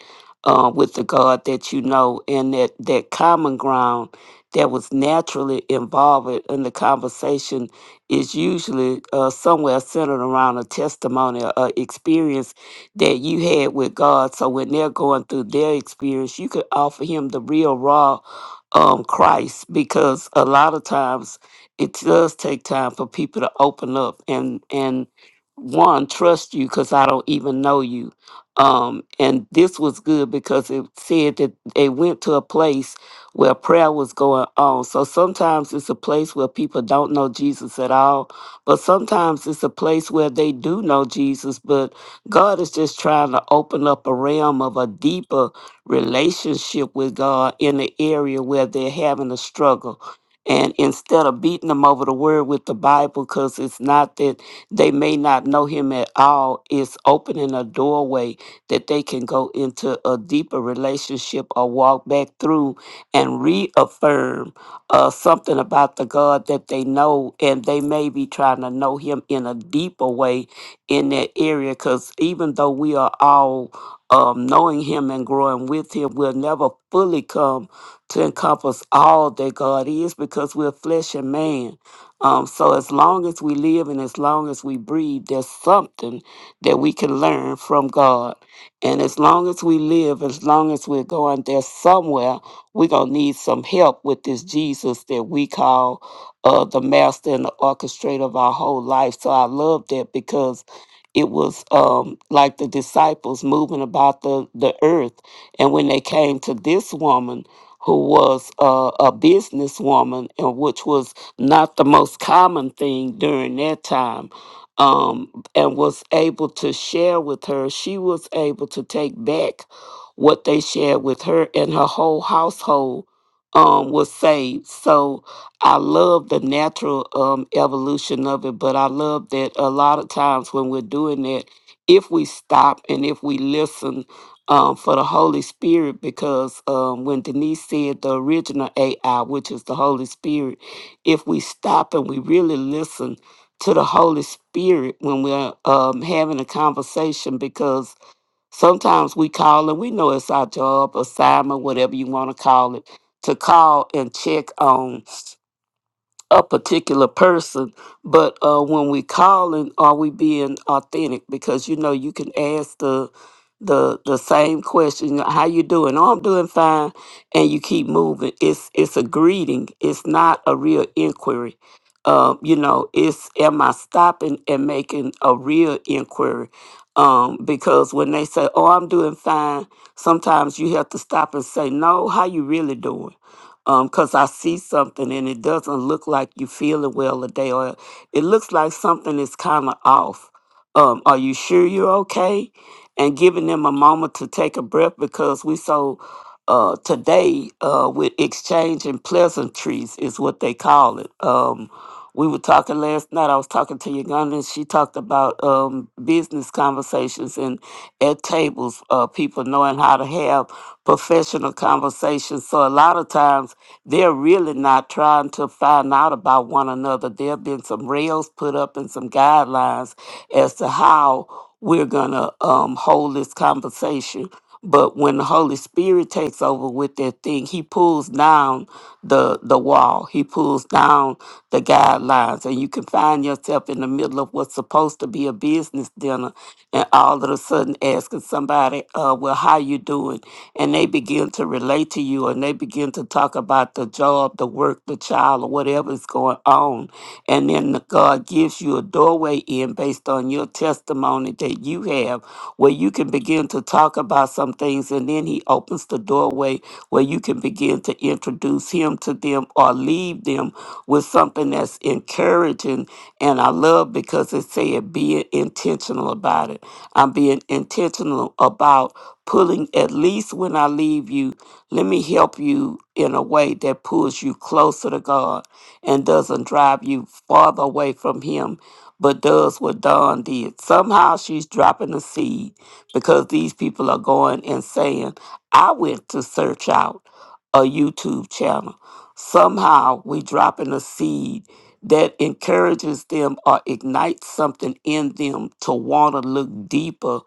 [SPEAKER 5] uh, with the God that you know, and that, that common ground that was naturally involved in the conversation is usually uh, somewhere centered around a testimony or uh, experience that you had with God. So when they're going through their experience, you could offer him the real raw um, Christ because a lot of times it does take time for people to open up and and one trust you because I don't even know you. Um, and this was good because it said that they went to a place where prayer was going on. So sometimes it's a place where people don't know Jesus at all, but sometimes it's a place where they do know Jesus, but God is just trying to open up a realm of a deeper relationship with God in the area where they're having a struggle. And instead of beating them over the word with the Bible, because it's not that they may not know Him at all, it's opening a doorway that they can go into a deeper relationship or walk back through and reaffirm uh, something about the God that they know. And they may be trying to know Him in a deeper way in that area, because even though we are all um, knowing Him and growing with Him, will never fully come to encompass all that God is because we're flesh and man. Um, so, as long as we live and as long as we breathe, there's something that we can learn from God. And as long as we live, as long as we're going there somewhere, we're going to need some help with this Jesus that we call uh, the master and the orchestrator of our whole life. So, I love that because it was um, like the disciples moving about the, the earth. And when they came to this woman, who was a, a businesswoman, and which was not the most common thing during that time, um, and was able to share with her, she was able to take back what they shared with her, and her whole household um, was saved. So, I love the natural um, evolution of it, but I love that a lot of times when we're doing that, if we stop and if we listen um, for the Holy Spirit, because um, when Denise said the original AI, which is the Holy Spirit, if we stop and we really listen to the Holy Spirit when we're um, having a conversation, because sometimes we call and we know it's our job, assignment, whatever you want to call it, to call and check on a particular person, but uh, when we calling, are we being authentic? Because you know, you can ask the the the same question, "How you doing?" "Oh, I'm doing fine," and you keep moving. It's it's a greeting. It's not a real inquiry. Um, you know, it's am I stopping and making a real inquiry? Um, because when they say, "Oh, I'm doing fine," sometimes you have to stop and say, "No, how you really doing?" because I see something and it doesn't look like you feeling well today, or it looks like something is kind of off. Um, are you sure you're okay? And giving them a moment to take a breath because we so uh, today uh, with exchanging pleasantries is what they call it. Um, we were talking last night. I was talking to Uganda, and she talked about um, business conversations and at tables, uh, people knowing how to have professional conversations. So a lot of times they're really not trying to find out about one another. There have been some rails put up and some guidelines as to how we're going to um, hold this conversation. But when the Holy Spirit takes over with that thing, He pulls down the the wall. He pulls down the guidelines, and you can find yourself in the middle of what's supposed to be a business dinner, and all of a sudden asking somebody, uh, "Well, how you doing?" and they begin to relate to you, and they begin to talk about the job, the work, the child, or whatever is going on, and then God gives you a doorway in based on on your testimony that you have where you can begin to talk about some things and then he opens the doorway where you can begin to introduce him to them or leave them with something that's encouraging and I love because it said being intentional about it. I'm being intentional about pulling at least when I leave you, let me help you in a way that pulls you closer to God and doesn't drive you farther away from him but does what Dawn did. Somehow she's dropping a seed because these people are going and saying, I went to search out a YouTube channel. Somehow we dropping a seed that encourages them or ignites something in them to want to look deeper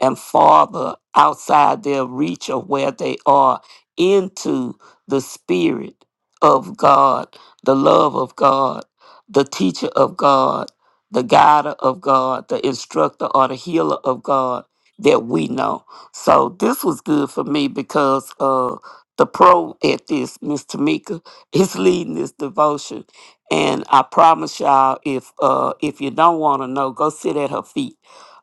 [SPEAKER 5] and farther outside their reach of where they are into the spirit of God, the love of God, the teacher of God the guider of God, the instructor or the healer of God that we know. So this was good for me because uh the pro at this, Miss Tamika, is leading this devotion. And I promise y'all if uh if you don't want to know, go sit at her feet.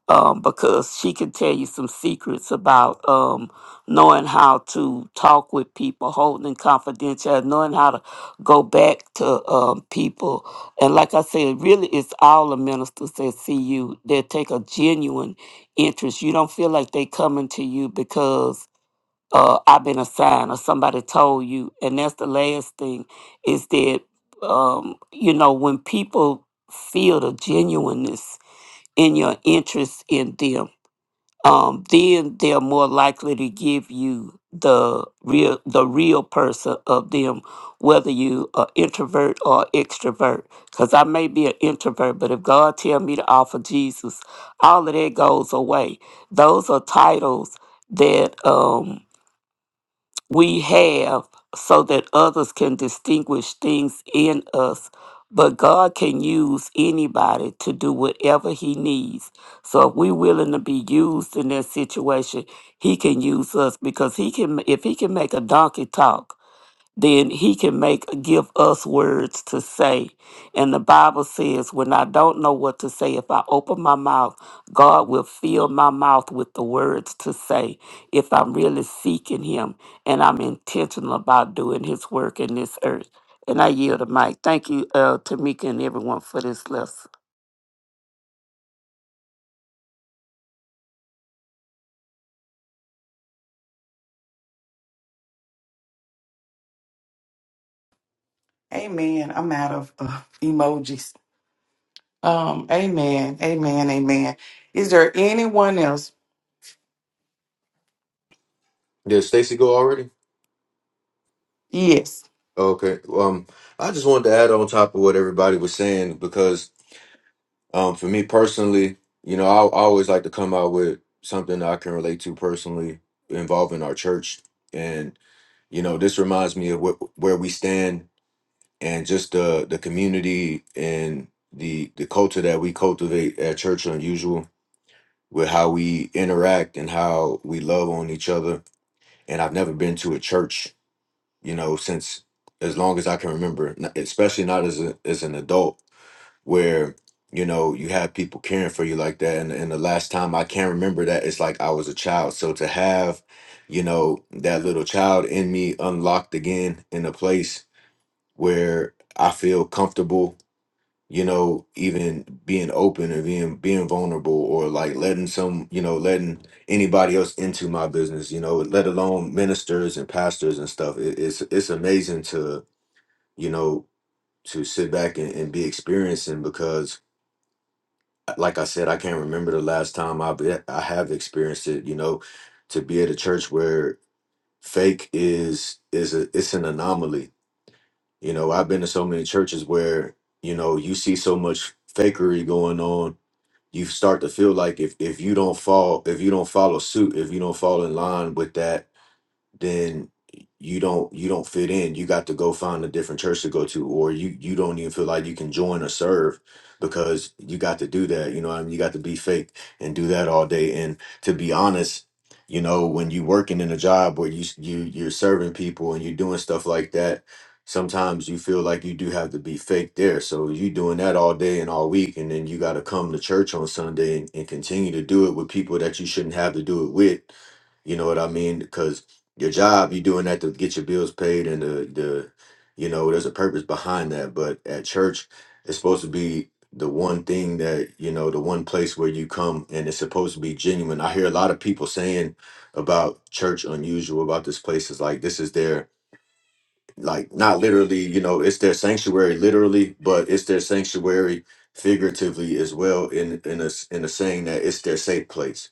[SPEAKER 5] Um, because she can tell you some secrets about um, knowing how to talk with people, holding confidential, knowing how to go back to um, people and like I said, really, it's all the ministers that see you that take a genuine interest. You don't feel like they coming to you because uh, I've been assigned or somebody told you. And that's the last thing is that um, you know when people feel the genuineness in your interest in them um, then they're more likely to give you the real the real person of them, whether you are introvert or extrovert. Because I may be an introvert, but if God tell me to offer Jesus, all of that goes away. Those are titles that um, we have so that others can distinguish things in us. But God can use anybody to do whatever He needs. So if we're willing to be used in that situation, He can use us because He can. If He can make a donkey talk, then he can make give us words to say and the bible says when i don't know what to say if i open my mouth god will fill my mouth with the words to say if i'm really seeking him and i'm intentional about doing his work in this earth and i yield the mic thank you uh, tamika and everyone for this lesson
[SPEAKER 3] Amen. I'm out of uh, emojis. Um, amen. Amen. Amen. Is there anyone else?
[SPEAKER 9] Did Stacy go already?
[SPEAKER 3] Yes.
[SPEAKER 9] Okay. Um, I just wanted to add on top of what everybody was saying because, um, for me personally, you know, I, I always like to come out with something that I can relate to personally involving our church, and you know, this reminds me of what, where we stand and just the the community and the the culture that we cultivate at Church Unusual with how we interact and how we love on each other. And I've never been to a church you know, since as long as I can remember, n- especially not as a, as an adult, where you know you have people caring for you like that. And, and the last time I can remember that, it's like I was a child. So to have, you know, that little child in me unlocked again in a place where I feel comfortable you know even being open or being being vulnerable or like letting some you know letting anybody else into my business you know let alone ministers and pastors and stuff it, it's it's amazing to you know to sit back and, and be experiencing because like i said i can't remember the last time i've e- i have experienced it you know to be at a church where fake is is a it's an anomaly you know i've been to so many churches where you know you see so much fakery going on you start to feel like if if you don't fall if you don't follow suit if you don't fall in line with that then you don't you don't fit in you got to go find a different church to go to or you you don't even feel like you can join or serve because you got to do that you know what i mean you got to be fake and do that all day and to be honest you know when you working in a job where you s- you you're serving people and you're doing stuff like that sometimes you feel like you do have to be fake there so you doing that all day and all week and then you got to come to church on sunday and, and continue to do it with people that you shouldn't have to do it with you know what I mean? your job you doing that to get your bills paid and the the you know there's a purpose behind that but at church it's supposed to be the one thing that you know the one place where you come and it's supposed to be genuine i hear a lot of people saying about church unusual about this place is like this is their like not literally you know it's their sanctuary literally but it's their sanctuary figuratively as well in in a s- in a saying that it's their safe place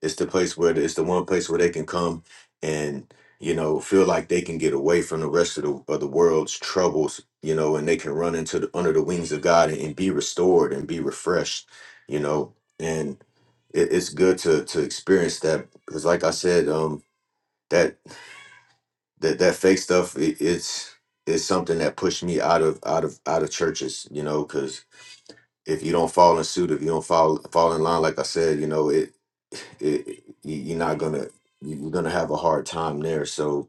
[SPEAKER 9] it's the place where it's the one place where they can come and you know feel like they can get away from the rest of the of the world's troubles, you know, and they can run into the under the wings of God and, and be restored and be refreshed, you know. And it, it's good to to experience that because, like I said, um, that that that fake stuff it, it's it's something that pushed me out of out of out of churches, you know, cause if you don't fall in suit, if you don't fall fall in line, like I said, you know it, it you- you're not gonna you- you're gonna have a hard time there. So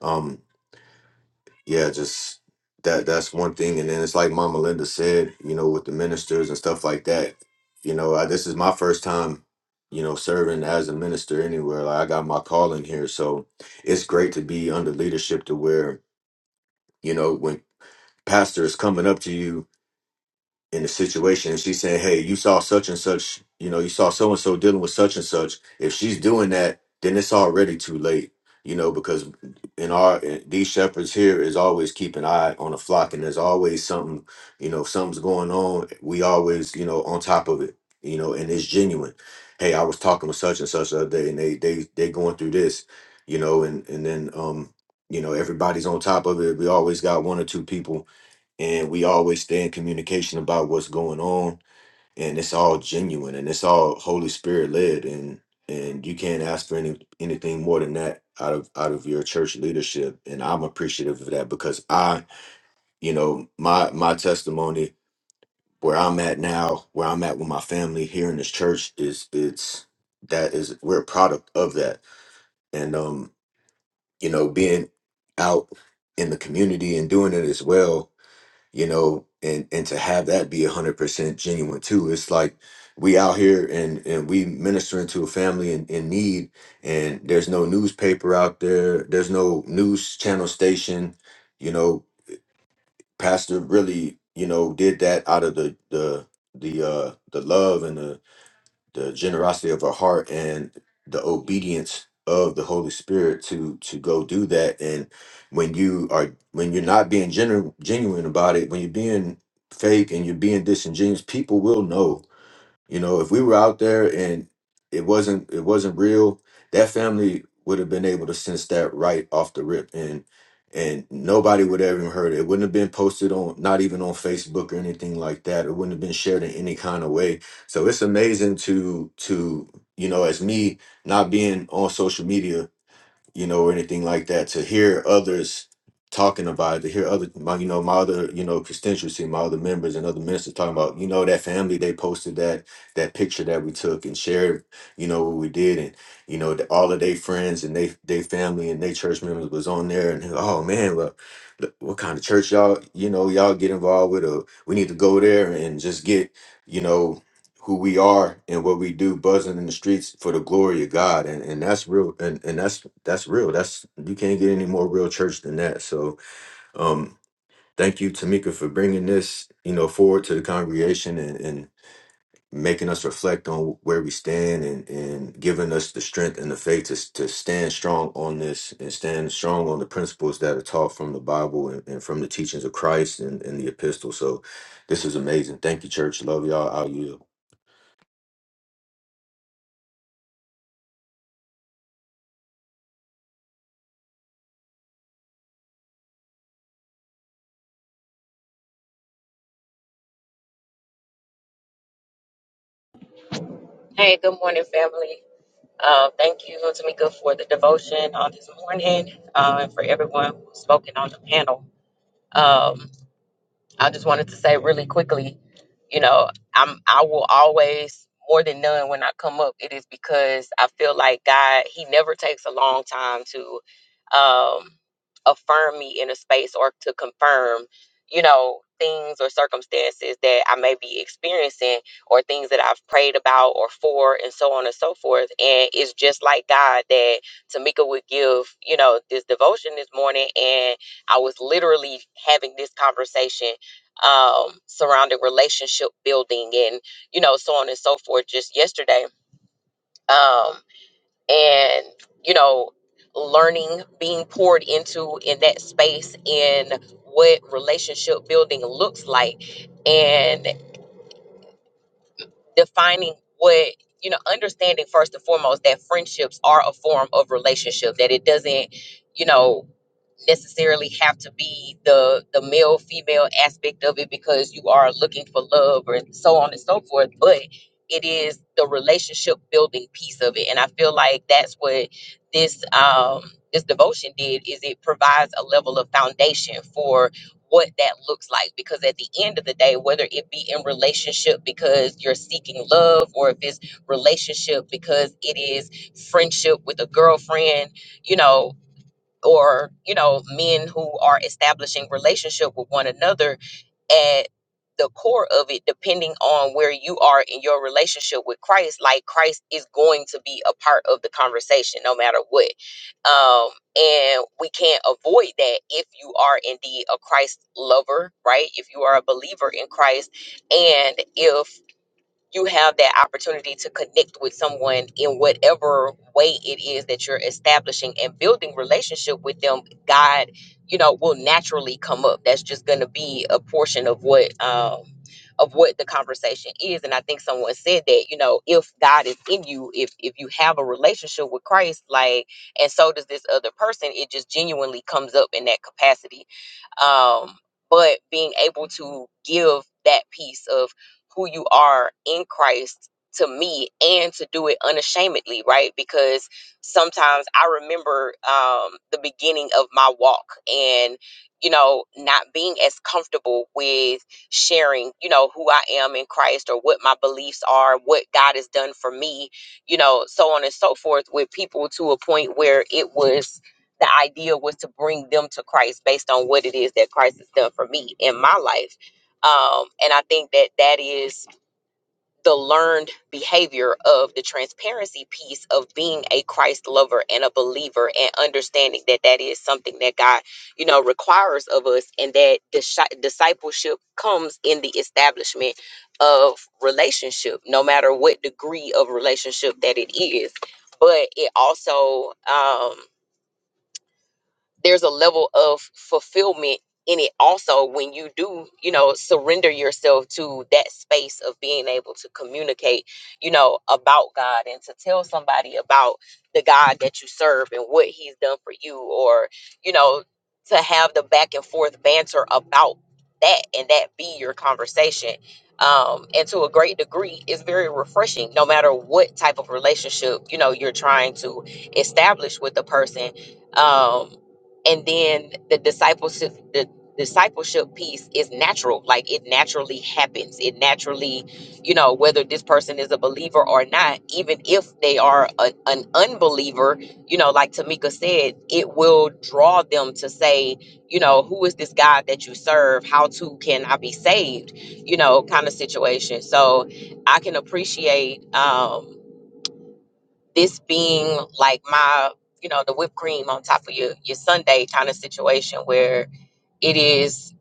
[SPEAKER 9] um yeah, just that that's one thing. And then it's like Mama Linda said, you know, with the ministers and stuff like that. You know, I, this is my first time, you know, serving as a minister anywhere. Like I got my calling here, so it's great to be under leadership to where you know when pastor is coming up to you in the situation and she's saying, Hey, you saw such and such, you know, you saw so and so dealing with such and such. If she's doing that, then it's already too late, you know, because in our these shepherds here is always keep an eye on the flock and there's always something, you know, if something's going on, we always, you know, on top of it, you know, and it's genuine. Hey, I was talking with such and such the other day and they they they going through this, you know, and and then um, you know, everybody's on top of it. We always got one or two people and we always stay in communication about what's going on and it's all genuine and it's all holy spirit led and and you can't ask for any anything more than that out of out of your church leadership and i'm appreciative of that because i you know my my testimony where i'm at now where i'm at with my family here in this church is it's that is we're a product of that and um you know being out in the community and doing it as well you know and and to have that be 100% genuine too it's like we out here and and we ministering to a family in, in need and there's no newspaper out there there's no news channel station you know pastor really you know did that out of the the the uh the love and the the generosity of her heart and the obedience of the Holy Spirit to to go do that. And when you are when you're not being genu- genuine about it, when you're being fake and you're being disingenuous, people will know you know, if we were out there and it wasn't it wasn't real, that family would have been able to sense that right off the rip and and nobody would have even heard it. It wouldn't have been posted on not even on Facebook or anything like that. It wouldn't have been shared in any kind of way. So it's amazing to to you know, as me not being on social media you know, or anything like that. To hear others talking about it, to hear other, my, you know, my other, you know, constituency, my other members and other ministers talking about, you know, that family they posted that that picture that we took and shared, you know, what we did, and you know, the, all of their friends and they they family and their church members was on there, and oh man, look. look, What kind of church y'all, you know, y'all get involved with, or we need to go there and just get, you know, who we are and what we do buzzing in the streets for the glory of God and and that's real and and that's that's real that's you can't get any more real church than that so um thank you Tamika for bringing this you know forward to the congregation and and making us reflect on where we stand and and giving us the strength and the faith to to stand strong on this and stand strong on the principles that are taught from the Bible and, and from the teachings of Christ and, and the epistle so this is amazing thank you church love y'all i will you
[SPEAKER 10] Hey, good morning, family. Uh, thank you, Tamika, for the devotion on this morning uh, and for everyone who's spoken on the panel. Um, I just wanted to say really quickly, you know, I'm I will always more than none when I come up, it is because I feel like God, He never takes a long time to um affirm me in a space or to confirm, you know, things or circumstances that I may be experiencing or things that I've prayed about or for and so on and so forth. And it's just like God that Tamika would give, you know, this devotion this morning and I was literally having this conversation um, surrounding relationship building and you know so on and so forth just yesterday um, and you know learning being poured into in that space in what relationship building looks like and defining what you know understanding first and foremost that friendships are a form of relationship that it doesn't you know necessarily have to be the the male female aspect of it because you are looking for love or so on and so forth but it is the relationship building piece of it and i feel like that's what this um this devotion did is it provides a level of foundation for what that looks like because at the end of the day whether it be in relationship because you're seeking love or if it's relationship because it is friendship with a girlfriend you know or you know men who are establishing relationship with one another at the core of it depending on where you are in your relationship with christ like christ is going to be a part of the conversation no matter what um and we can't avoid that if you are indeed a christ lover right if you are a believer in christ and if you have that opportunity to connect with someone in whatever way it is that you're establishing and building relationship with them god you know will naturally come up that's just going to be a portion of what um of what the conversation is and i think someone said that you know if god is in you if if you have a relationship with christ like and so does this other person it just genuinely comes up in that capacity um, but being able to give that piece of who you are in Christ to me and to do it unashamedly, right? Because sometimes I remember um, the beginning of my walk and, you know, not being as comfortable with sharing, you know, who I am in Christ or what my beliefs are, what God has done for me, you know, so on and so forth with people to a point where it was the idea was to bring them to Christ based on what it is that Christ has done for me in my life. Um, and I think that that is the learned behavior of the transparency piece of being a Christ lover and a believer and understanding that that is something that God, you know, requires of us and that dis- discipleship comes in the establishment of relationship, no matter what degree of relationship that it is. But it also, um, there's a level of fulfillment in it also when you do you know surrender yourself to that space of being able to communicate you know about god and to tell somebody about the god that you serve and what he's done for you or you know to have the back and forth banter about that and that be your conversation um, and to a great degree it's very refreshing no matter what type of relationship you know you're trying to establish with the person um, and then the discipleship the discipleship piece is natural like it naturally happens it naturally you know whether this person is a believer or not even if they are a, an unbeliever you know like tamika said it will draw them to say you know who is this god that you serve how to can i be saved you know kind of situation so i can appreciate um this being like my you know the whipped cream on top of your your sunday kind of situation where it is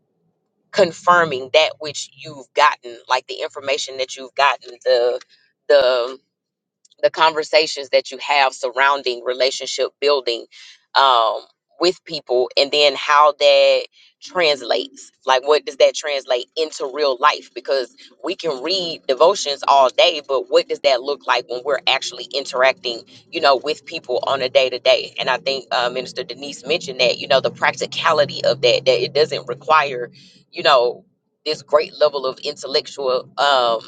[SPEAKER 10] confirming that which you've gotten like the information that you've gotten the the the conversations that you have surrounding relationship building um, with people and then how that translates like what does that translate into real life because we can read devotions all day but what does that look like when we're actually interacting you know with people on a day to day and i think uh, minister denise mentioned that you know the practicality of that that it doesn't require you know this great level of intellectual um,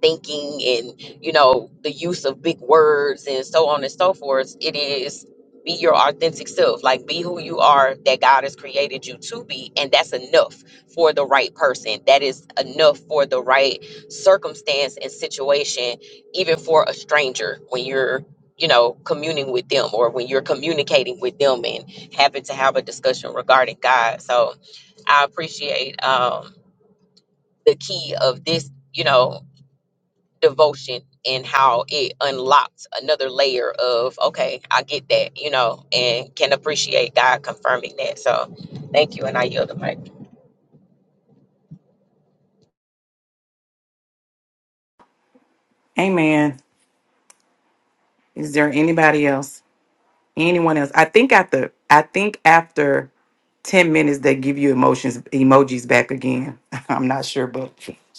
[SPEAKER 10] thinking and you know, the use of big words and so on and so forth. It is be your authentic self, like be who you are that God has created you to be. And that's enough for the right person. That is enough for the right circumstance and situation, even for a stranger when you're, you know, communing with them or when you're communicating with them and happen to have a discussion regarding God. So I appreciate um, the key of this, you know devotion and how it unlocks another layer of okay i get that you know and can appreciate god confirming that so thank you and i yield the mic
[SPEAKER 3] Amen. Is there anybody else? Anyone else? I think after I think after 10 minutes they give you emotions emojis back again. I'm not sure, but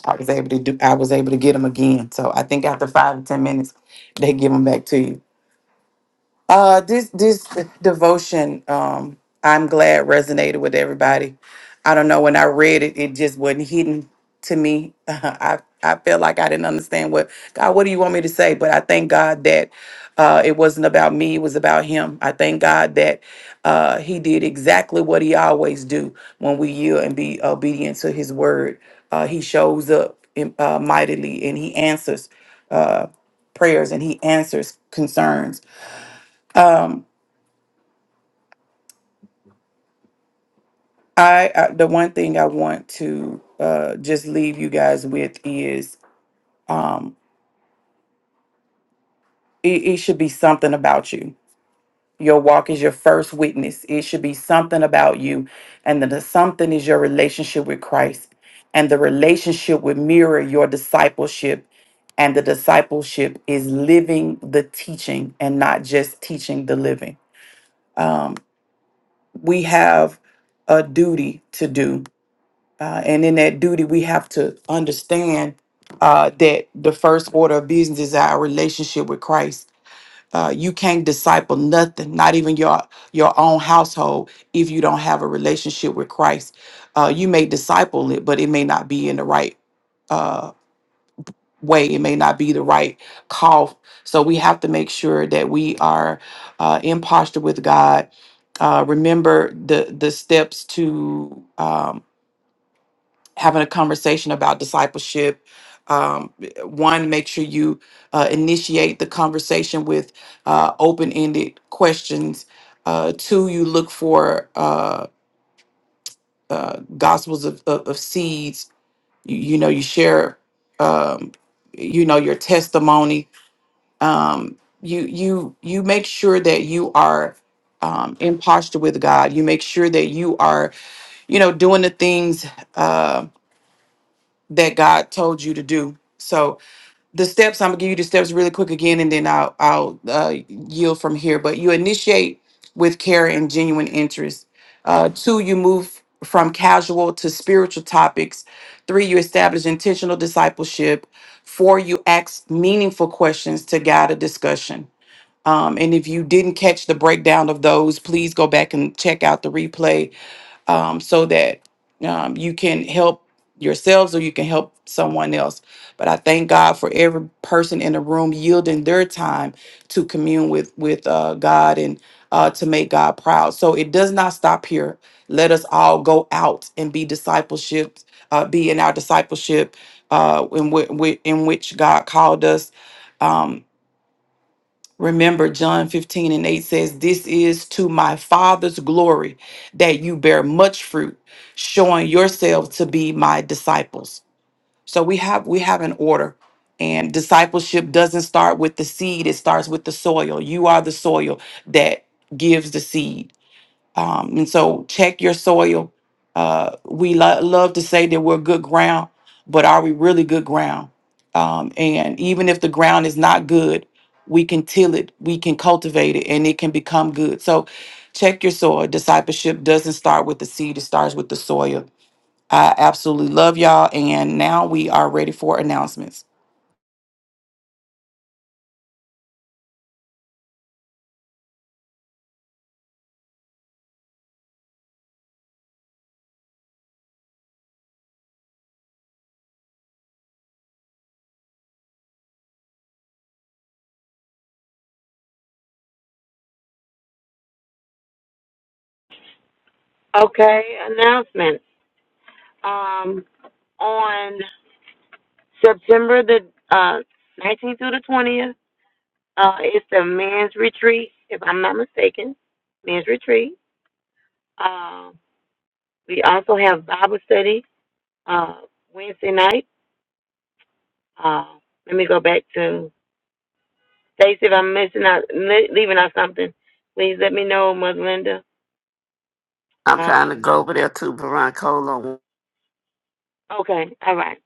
[SPEAKER 3] I was able to do I was able to get them again. So I think after five to ten minutes, they give them back to you. Uh, this this devotion, um, I'm glad resonated with everybody. I don't know when I read it, it just wasn't hidden to me. I I felt like I didn't understand what God. What do you want me to say? But I thank God that uh, it wasn't about me; it was about Him. I thank God that uh, He did exactly what He always do when we yield and be obedient to His word. Uh, he shows up in, uh, mightily, and He answers uh, prayers, and He answers concerns. Um, I, I the one thing I want to uh just leave you guys with is um it, it should be something about you. Your walk is your first witness. It should be something about you. And then the something is your relationship with Christ. And the relationship would mirror your discipleship. And the discipleship is living the teaching and not just teaching the living. Um, we have a duty to do Uh, and in that duty, we have to understand uh, that the first order of business is our relationship with Christ. Uh, you can't disciple nothing, not even your your own household, if you don't have a relationship with Christ. Uh, you may disciple it, but it may not be in the right uh, way. It may not be the right call. So we have to make sure that we are uh, in posture with God. Uh, remember the the steps to. um, having a conversation about discipleship. Um, one, make sure you uh, initiate the conversation with uh, open ended questions. Uh, two, you look for uh, uh, gospels of, of, of seeds. You, you know, you share, um, you know, your testimony. Um, you you you make sure that you are um, in posture with God. You make sure that you are, you know, doing the things. Um, that God told you to do. So the steps, I'm gonna give you the steps really quick again, and then I'll I'll uh, yield from here. But you initiate with care and genuine interest. Uh, two, you move from casual to spiritual topics. Three, you establish intentional discipleship. Four, you ask meaningful questions to guide a discussion. Um, and if you didn't catch the breakdown of those, please go back and check out the replay um, so that um, you can help yourselves or you can help someone else. But I thank God for every person in the room yielding their time to commune with with uh, God and uh, to make God proud. So it does not stop here. Let us all go out and be discipleship, uh, be in our discipleship uh, in, whi- whi- in which God called us. um, Remember, John 15 and 8 says, This is to my Father's glory that you bear much fruit, showing yourselves to be my disciples. So we have we have an order. And discipleship doesn't start with the seed, it starts with the soil. You are the soil that gives the seed. Um, and so check your soil. Uh, we lo- love to say that we're good ground, but are we really good ground? Um, and even if the ground is not good, we can till it, we can cultivate it, and it can become good. So check your soil. Discipleship doesn't start with the seed, it starts with the soil. I absolutely love y'all. And now we are ready for announcements.
[SPEAKER 2] Okay, announcement. Um on September the uh, 19th through the 20th uh, is the men's retreat, if I'm not mistaken. Men's retreat. Uh, we also have Bible study uh, Wednesday night. Uh, let me go back to Stacy. If I'm missing out, le- leaving out something, please let me know, Mother Linda.
[SPEAKER 5] i'm trying to
[SPEAKER 2] Um,
[SPEAKER 5] go over there to Barack. hold on
[SPEAKER 2] okay, all right.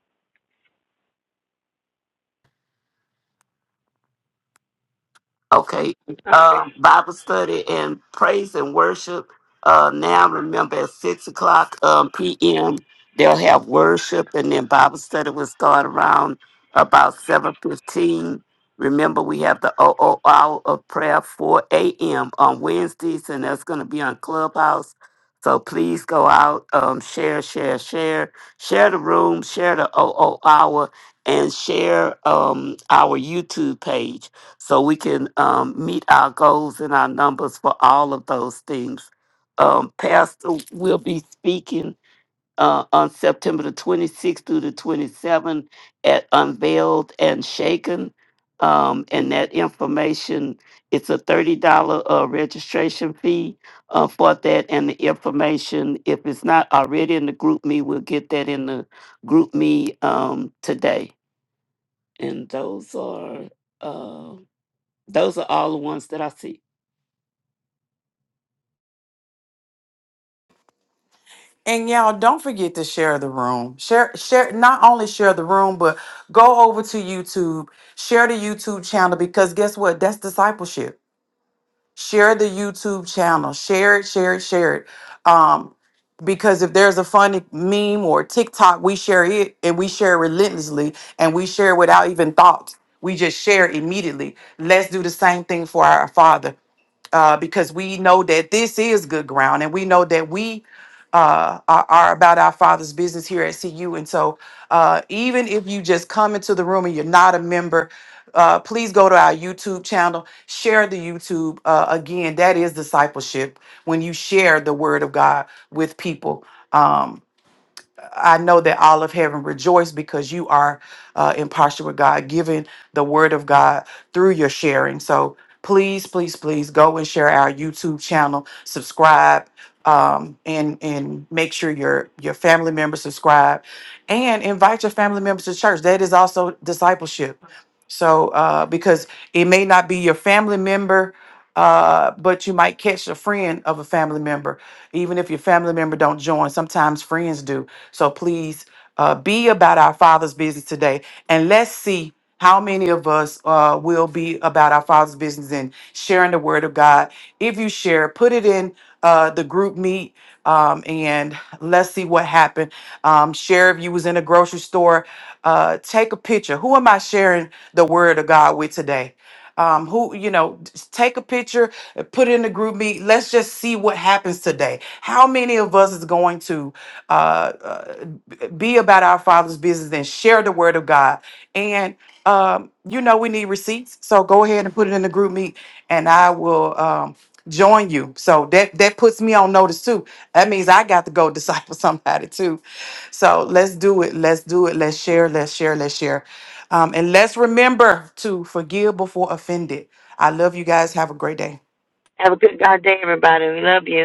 [SPEAKER 5] Okay.
[SPEAKER 2] All right.
[SPEAKER 5] Uh, Bible study and praise and worship. Uh, now remember at six o'clock um, p.m. they'll have worship, and then Bible study will start around about seven fifteen. Remember, we have the OO hour of prayer four a.m. on Wednesdays, and that's going to be on Clubhouse. So please go out, um, share, share, share, share the room, share the OO hour, and share um, our YouTube page so we can um, meet our goals and our numbers for all of those things. Um, Pastor will be speaking uh, on September the 26th through the 27th at Unveiled and Shaken. Um, and that information, it's a $30 uh, registration fee uh, for that. And the information, if it's not already in the group me, we'll get that in the group me um, today. And those are. Uh, those are all the ones that I see.
[SPEAKER 3] And y'all don't forget to share the room. Share share not only share the room, but go over to YouTube, share the YouTube channel because guess what? That's discipleship. Share the YouTube channel. Share it, share it, share it. Um because if there's a funny meme or TikTok, we share it and we share relentlessly and we share without even thought. We just share immediately. Let's do the same thing for our Father uh, because we know that this is good ground and we know that we uh, are, are about our Father's business here at CU. And so, uh, even if you just come into the room and you're not a member, uh, please go to our YouTube channel, share the YouTube. Uh, again, that is discipleship when you share the word of God with people. Um, I know that all of heaven rejoiced because you are uh, in posture with God, giving the word of God through your sharing. So please, please, please go and share our YouTube channel, subscribe, um, and and make sure your your family members subscribe, and invite your family members to church. That is also discipleship. So uh, because it may not be your family member. Uh, but you might catch a friend of a family member, even if your family member don't join. Sometimes friends do so please uh, be about our Father's business today, and let's see how many of us uh, will be about our Father's business and sharing the Word of God. If you share, put it in uh, the group meet, um, and let's see what happened. Um, share if you was in a grocery store. Uh, take a picture. Who am I sharing? the word of God with today. Um, who, you know, just take a picture, uh, put it in the group meet. Let's just see what happens today. How many of us is going to uh, uh, be about our Father's business and share the word of God? And, um, you know, we need receipts. So go ahead and put it in the group meet and I will um, join you. So that, that puts me on notice too. That means I got to go disciple somebody too. So let's do it. Let's do it. Let's share. Let's share. Let's share. Um, and let's remember to forgive before offended. I love you guys. Have a great day.
[SPEAKER 2] Have a good God day, everybody. We love you.